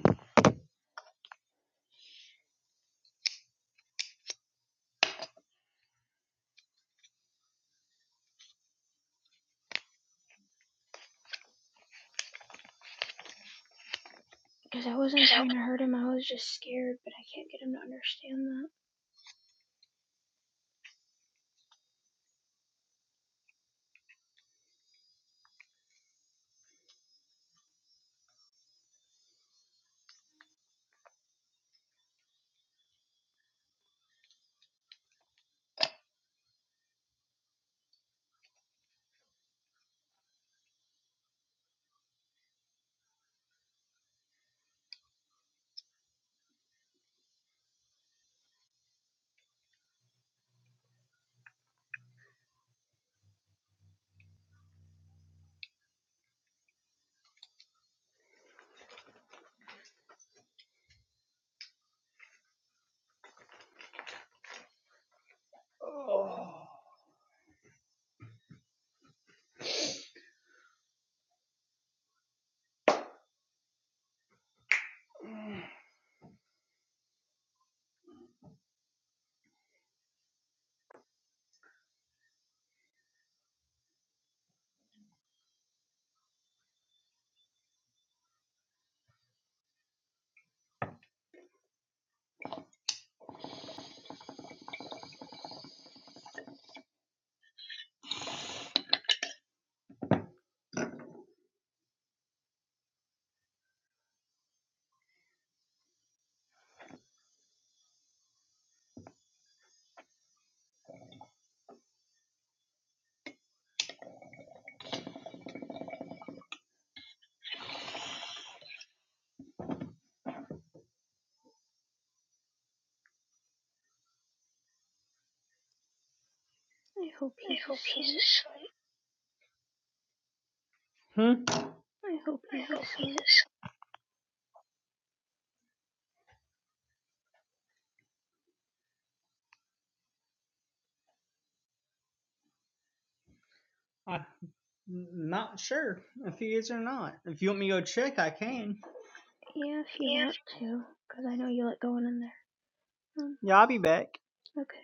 Speaker 1: Because I wasn't trying to hurt him, I was just scared, but I can't get him to understand that.
Speaker 2: Oh. I
Speaker 1: I hope he's
Speaker 2: hope he's
Speaker 1: asleep.
Speaker 2: asleep. Hmm?
Speaker 1: I hope he's
Speaker 2: I'm hope he's
Speaker 1: asleep.
Speaker 2: asleep. i not sure if he is or not. If you want me to go check, I can.
Speaker 1: Yeah, if you
Speaker 2: Yeah,
Speaker 1: want to, because I know you like going in there. Um,
Speaker 2: Yeah, I'll be back.
Speaker 1: okay.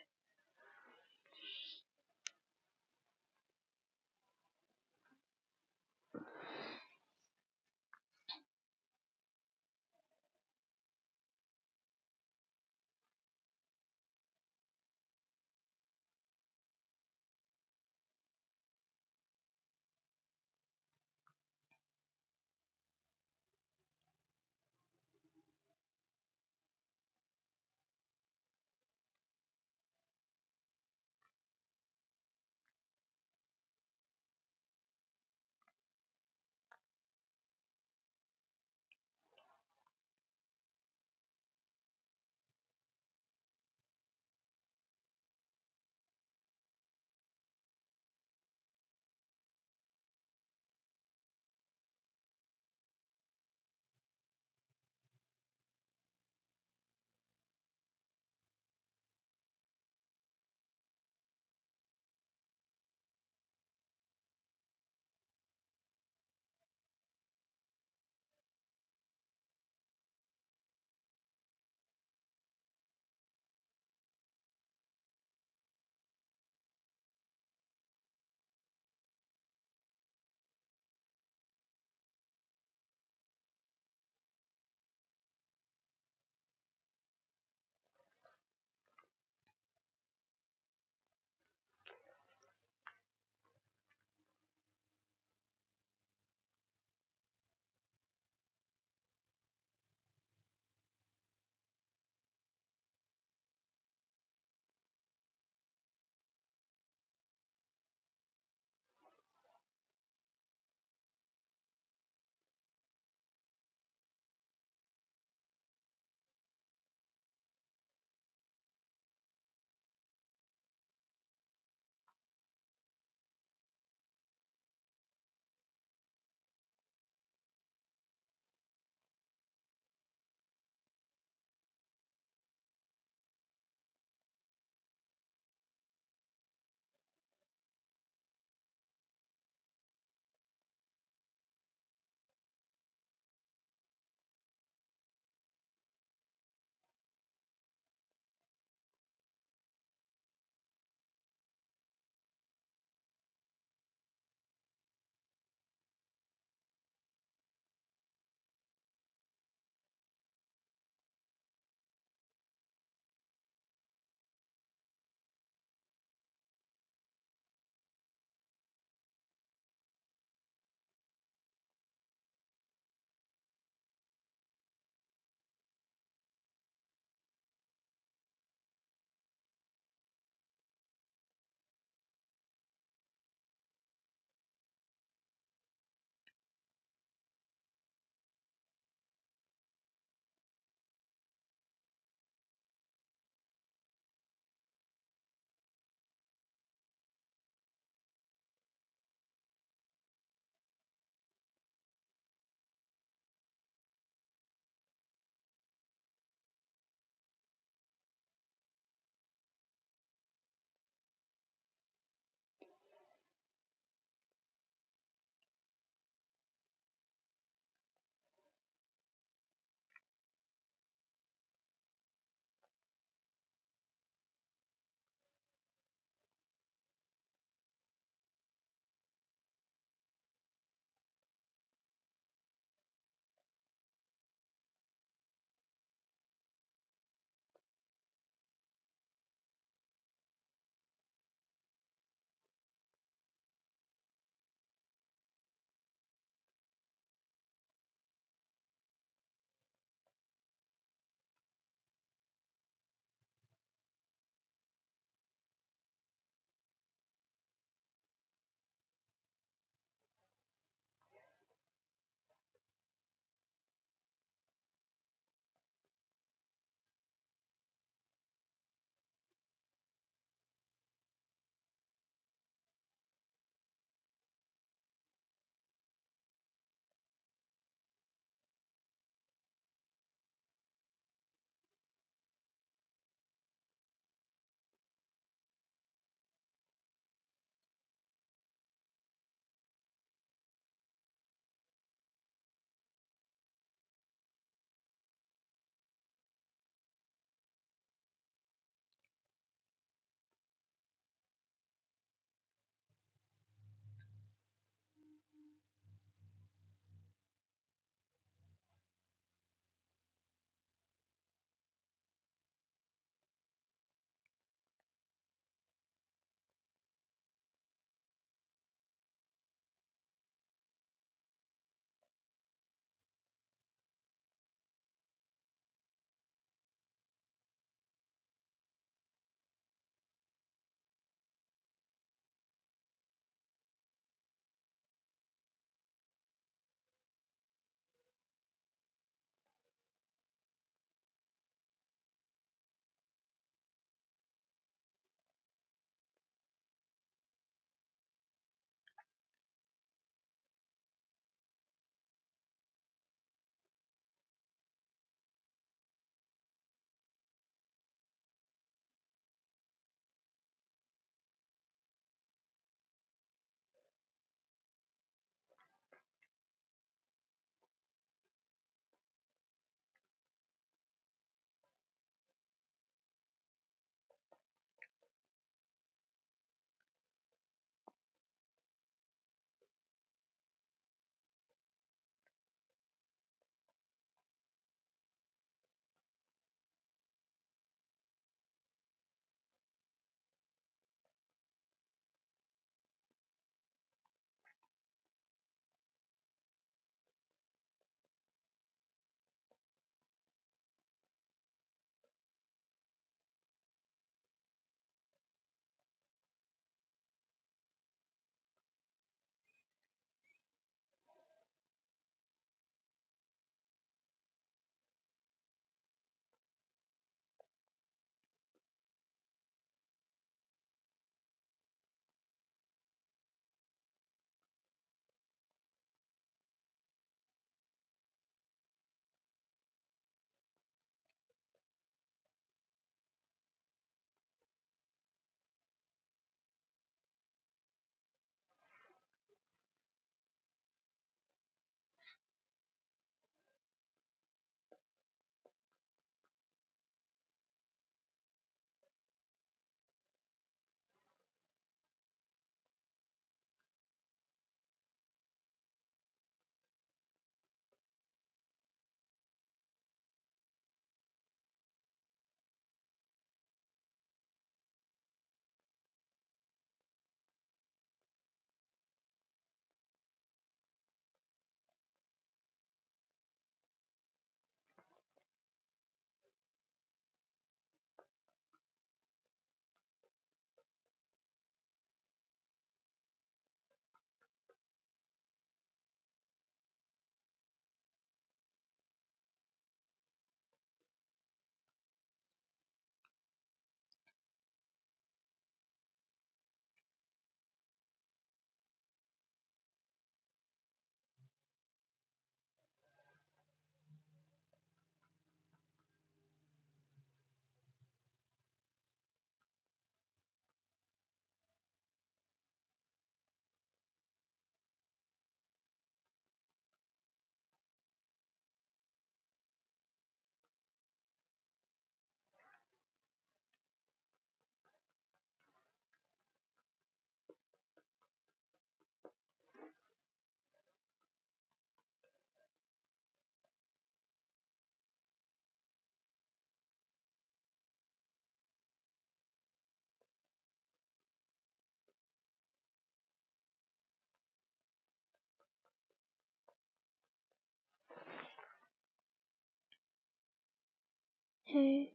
Speaker 1: Hey.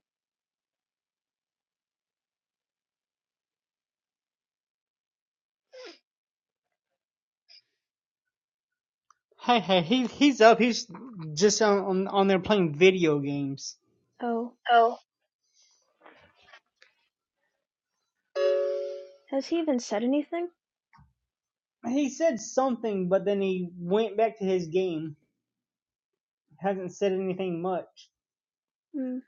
Speaker 2: Hey, hey, he, he's up. He's just on, on on there playing video games.
Speaker 1: Oh,
Speaker 2: Oh.
Speaker 1: has he even said anything?
Speaker 2: He said something, but then he went back to his game. Hasn't said anything much.
Speaker 1: Mm.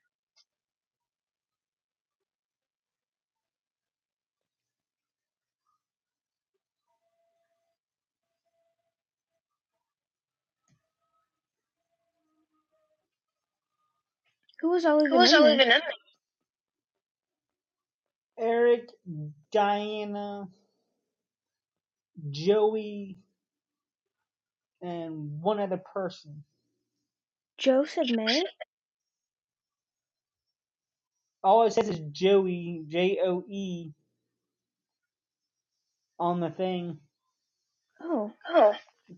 Speaker 1: Who was all
Speaker 2: Who
Speaker 1: even
Speaker 2: was
Speaker 1: in
Speaker 2: all
Speaker 1: there?
Speaker 2: even in? Eric, Diana, Joey, and one other person.
Speaker 1: Joe said May?
Speaker 2: All it says is Joey, J O E, on the thing.
Speaker 1: Oh,
Speaker 2: Oh,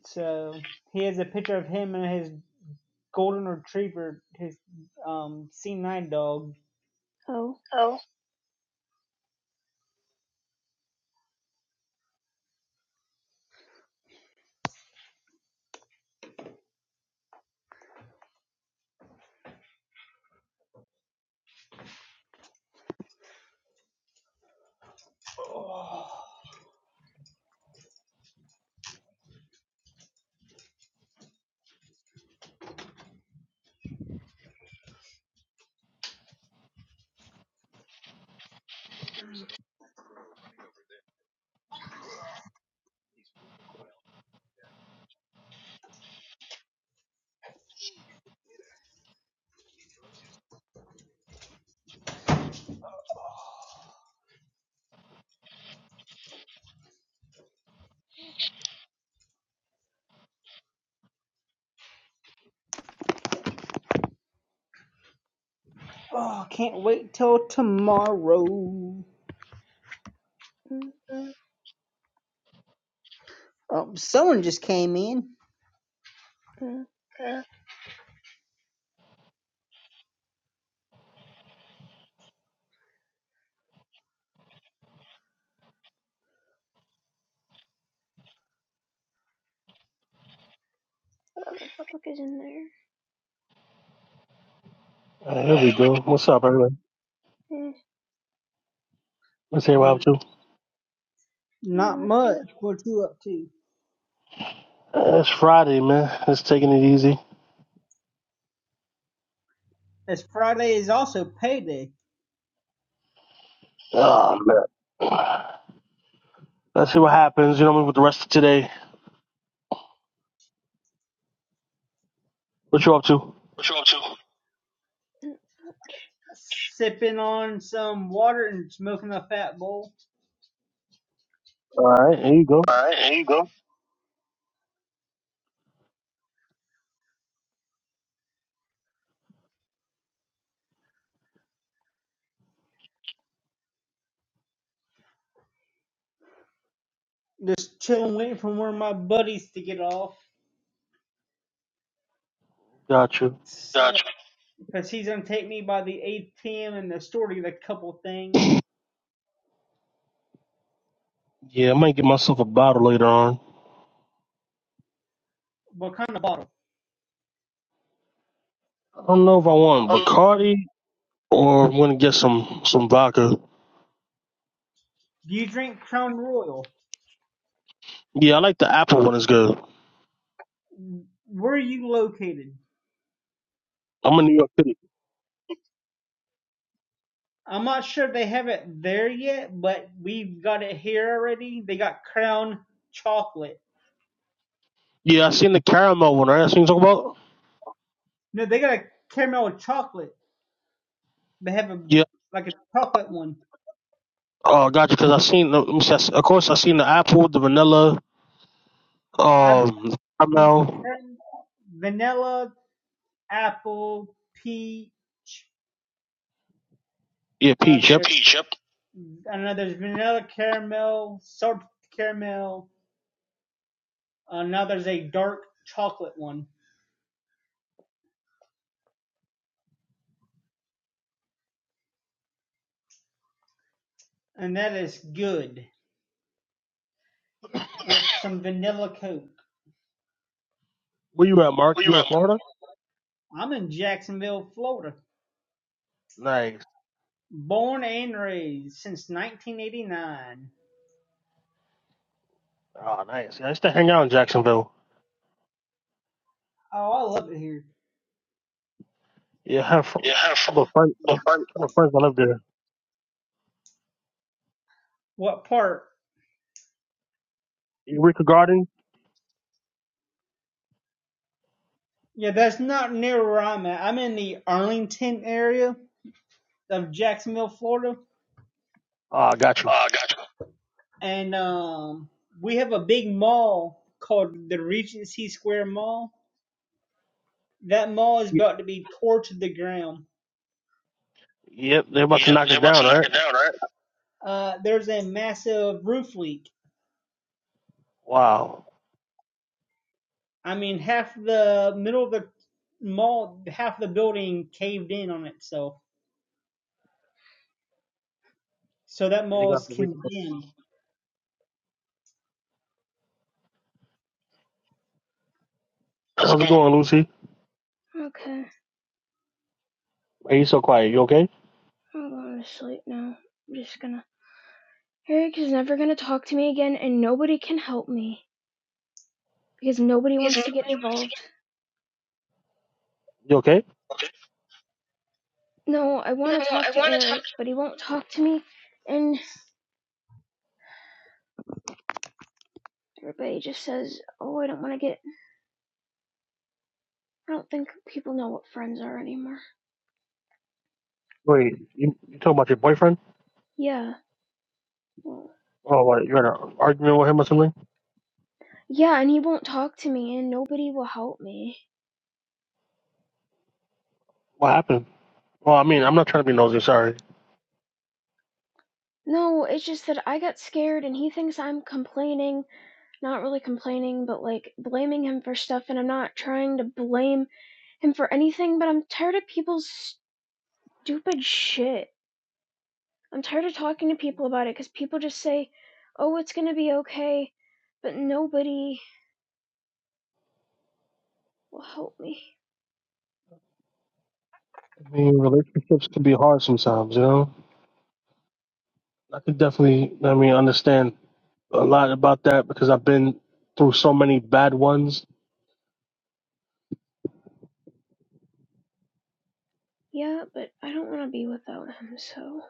Speaker 2: So he has a picture of him and his golden retriever, his um C9 dog.
Speaker 1: oh.
Speaker 2: oh. Oh, oh, can't wait till tomorrow. Mm,
Speaker 1: Mm,
Speaker 2: Oh, someone just came in.
Speaker 1: mm.
Speaker 2: mm.
Speaker 1: What the fuck is in there?
Speaker 4: Uh, here we go. What's up, everybody?
Speaker 1: Eh,
Speaker 4: Let's hear what I'm
Speaker 2: N-
Speaker 4: up? you.
Speaker 2: not
Speaker 1: mm, mm.
Speaker 2: much. What you up to?
Speaker 4: Uh, it's Friday, man. It's taking it easy.
Speaker 2: As Friday is also payday.
Speaker 4: Oh, man. Let's see what happens, you know, what I mean, with the rest of today. What you up to?
Speaker 2: What you up to?
Speaker 1: mm.
Speaker 2: sipping on some water and smoking a fat bowl.
Speaker 4: All right, here you go.
Speaker 2: All right, there you go. Just chilling, waiting for one of my buddies to get off.
Speaker 4: Got you.
Speaker 2: So, Gotcha. because he's going to take me by the ATM and the store to get a couple things.
Speaker 4: Yeah, I might get myself a bottle later on.
Speaker 2: What kind of bottle?
Speaker 4: I don't know if I want
Speaker 2: Um,
Speaker 4: Bacardi or I'm going to get some, some vodka.
Speaker 2: Do you drink Crown Royal?
Speaker 4: Yeah, I like the apple one. It's good.
Speaker 2: Where are you located?
Speaker 4: I'm in New York City.
Speaker 2: I'm not sure they have it there yet, but we've got it here already. They got Crown Chocolate.
Speaker 4: Yeah, I seen the caramel one, right? That's what you talking about?
Speaker 2: No, they got a caramel chocolate. They have a
Speaker 4: Yeah.
Speaker 2: like a chocolate one.
Speaker 4: Oh, got you, because I seen, the, let me see, I s- of course, I seen the apple, the vanilla,
Speaker 2: I've
Speaker 4: um, caramel.
Speaker 2: vanilla, apple, peach.
Speaker 4: Yeah,
Speaker 2: Uh,
Speaker 4: Peach.
Speaker 2: Yeah,
Speaker 4: Yep.
Speaker 2: peach. Yep. I know there's vanilla caramel, salted caramel. Uh, now there's a dark chocolate one, and that is good with some vanilla coke.
Speaker 4: Where you at, Mark?
Speaker 2: Where you
Speaker 4: You
Speaker 2: at?
Speaker 4: in
Speaker 2: Mike?
Speaker 4: Florida?
Speaker 2: I'm in Jacksonville, Florida,
Speaker 4: Nice.
Speaker 2: born and raised since 1989.
Speaker 4: Oh, nice. Yeah, I used to hang out in Jacksonville.
Speaker 2: Oh, I love it here.
Speaker 4: Yeah, I have fr-
Speaker 2: Yeah.
Speaker 4: but friends,
Speaker 2: But fun.
Speaker 4: but friends that live there.
Speaker 2: What part?
Speaker 4: Eureka Garden.
Speaker 2: Yeah, that's not near where I'm at. I'm in the Arlington area of Jacksonville, Florida,
Speaker 4: Ah, I got you.
Speaker 2: Uh, gotcha. and um, we have a big mall called the Regency Square Mall. That mall is
Speaker 4: Y-
Speaker 2: about to be tore to the ground.
Speaker 4: Yep, they're about to
Speaker 2: Yep,
Speaker 4: knock
Speaker 2: they're
Speaker 4: it
Speaker 2: about
Speaker 4: down,
Speaker 2: to knock
Speaker 4: right?
Speaker 2: it down, right? Uh, there's a massive roof leak.
Speaker 4: Wow.
Speaker 2: I mean, half the middle of the mall, half the building caved in on itself. So that
Speaker 4: Yeah, they
Speaker 2: mall
Speaker 4: got
Speaker 2: is
Speaker 4: Eureka-
Speaker 2: condemned. How's it
Speaker 4: How's it
Speaker 2: going?
Speaker 4: going, Lucy?
Speaker 1: Okay,
Speaker 4: Are you so quiet? You okay?
Speaker 1: I'm going to sleep now. I'm just gonna. Eric is never gonna talk to me again, and nobody can help me. because nobody
Speaker 2: Yes, no,
Speaker 1: wants to get involved.
Speaker 4: You okay?
Speaker 1: No, I want to talk
Speaker 2: I
Speaker 1: to
Speaker 2: want to talk.
Speaker 1: Eric, but he won't talk to me. And everybody just says, oh, I don't want to get. I don't think people know what friends are anymore.
Speaker 4: Wait, you, you talking about your boyfriend?
Speaker 1: Yeah. well,
Speaker 4: Oh, what? You had an argument with him or something?
Speaker 1: Yeah, and he won't talk to me, and nobody will help me.
Speaker 4: What happened? Well, I mean, I'm not trying to be nosy. Sorry.
Speaker 1: No, it's just that I got scared, and he thinks I'm complaining. Not really complaining, but like blaming him for stuff, and I'm not trying to blame him for anything, but I'm tired of people's stupid shit. I'm tired of talking to people about it because people just say, oh, it's going to be okay, but nobody will help me.
Speaker 4: I mean, relationships can be hard sometimes, you know. I could definitely, I mean, understand a lot about that because I've been through so many bad ones.
Speaker 1: Yeah, but I don't want to be without him, so.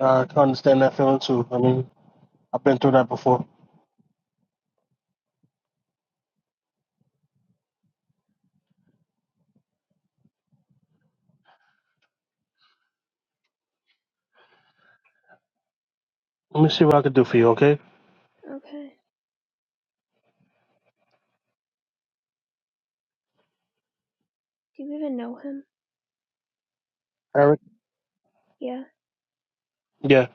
Speaker 4: I can understand that feeling too. I mean, I've been through that before. Let me see what I can do for you, okay,
Speaker 1: Okay. Do you even know him?
Speaker 4: Eric?
Speaker 1: Yeah.
Speaker 4: Yeah.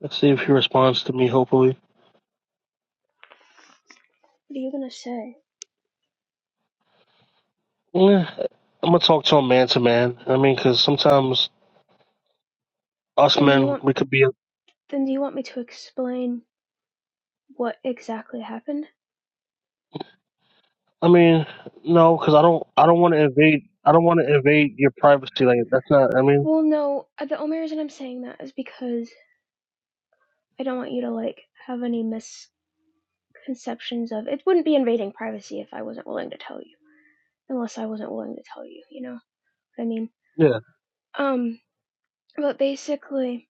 Speaker 4: Let's see if he responds to me. Hopefully,
Speaker 1: What are you going to say?
Speaker 4: yeah. I'm gonna talk to him man to man. I mean, because sometimes us
Speaker 1: Then do you
Speaker 4: men
Speaker 1: want.
Speaker 4: we could be.
Speaker 1: Then do you want me to explain what exactly happened?
Speaker 4: I mean, no, because I don't. I don't want to invade. I don't want to invade your privacy. Like that's not. I mean,
Speaker 1: Well, no. uh, The only reason I'm saying that is because I don't want you to like have any misconceptions of it. Wouldn't be invading privacy if I wasn't willing to tell you, unless I wasn't willing to tell you. You know what I mean?
Speaker 4: yeah,
Speaker 1: Um, But basically,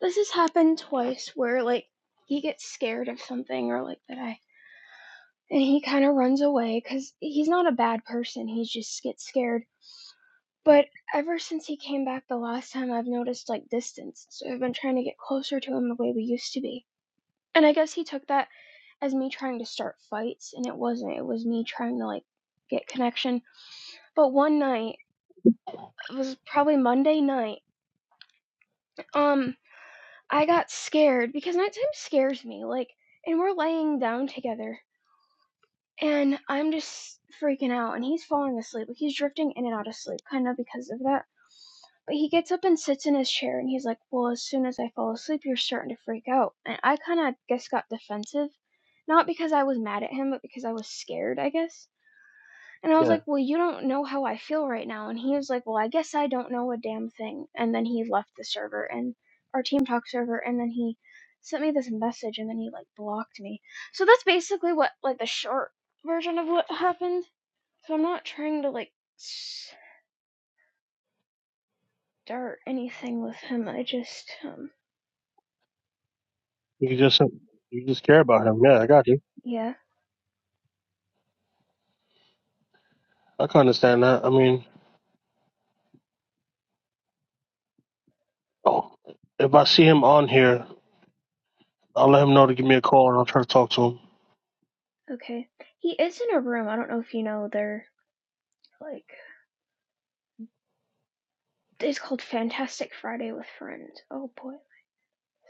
Speaker 1: this has happened twice where like he gets scared of something or like that I and he kind of runs away cuz he's not a bad person. He just gets scared. But ever since he came back the last time, I've noticed like distance. So I've been trying to get closer to him the way we used to be. And I guess he took that as me trying to start fights and it wasn't. It was me trying to like get connection. But one night, it was probably Monday night. Um I got scared because nighttime scares me. Like, and we're laying down together, and I'm just freaking out, and he's falling asleep. Like, he's drifting in and out of sleep, kind of because of that. But he gets up and sits in his chair, and he's like, Well, as soon as I fall asleep, you're starting to freak out. And I kind of, guess, got defensive. Not because I was mad at him, but because I was scared, I guess. And I was
Speaker 4: yeah.
Speaker 1: like, "Well, you don't know how I feel right now." And he was like, "Well, I guess I don't know a damn thing." And then he left the server and our team talk server and then he sent me this message and then he like blocked me. So that's basically what like the short version of what happened. So I'm not trying to like start anything with him. I just um
Speaker 4: You can just you just care about him. Yeah, I got you.
Speaker 1: yeah,
Speaker 4: I can understand that. I mean, oh, if I see him on here. I'll let him know to give me a call and I'll try to talk to him.
Speaker 1: okay. He is in a room. I don't know if you know they're like it's called Fantastic Friday with Friends. Oh boy, my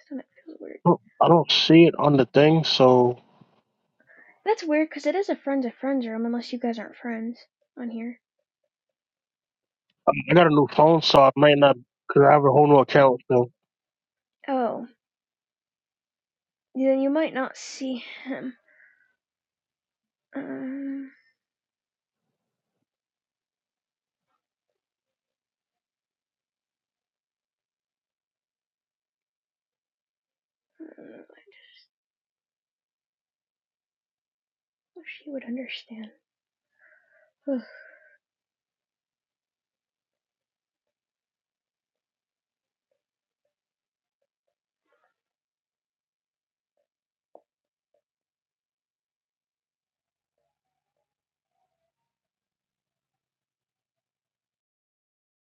Speaker 1: stomach feels weird.
Speaker 4: Well, I don't see it on the thing, so
Speaker 1: That's weird because it is a friends of friends room unless you guys aren't friends on here.
Speaker 4: I I got a new phone, so I might not because I have a whole new account. So
Speaker 1: Oh, then you might not see him. Um, I don't know. I wish he would understand. Ugh.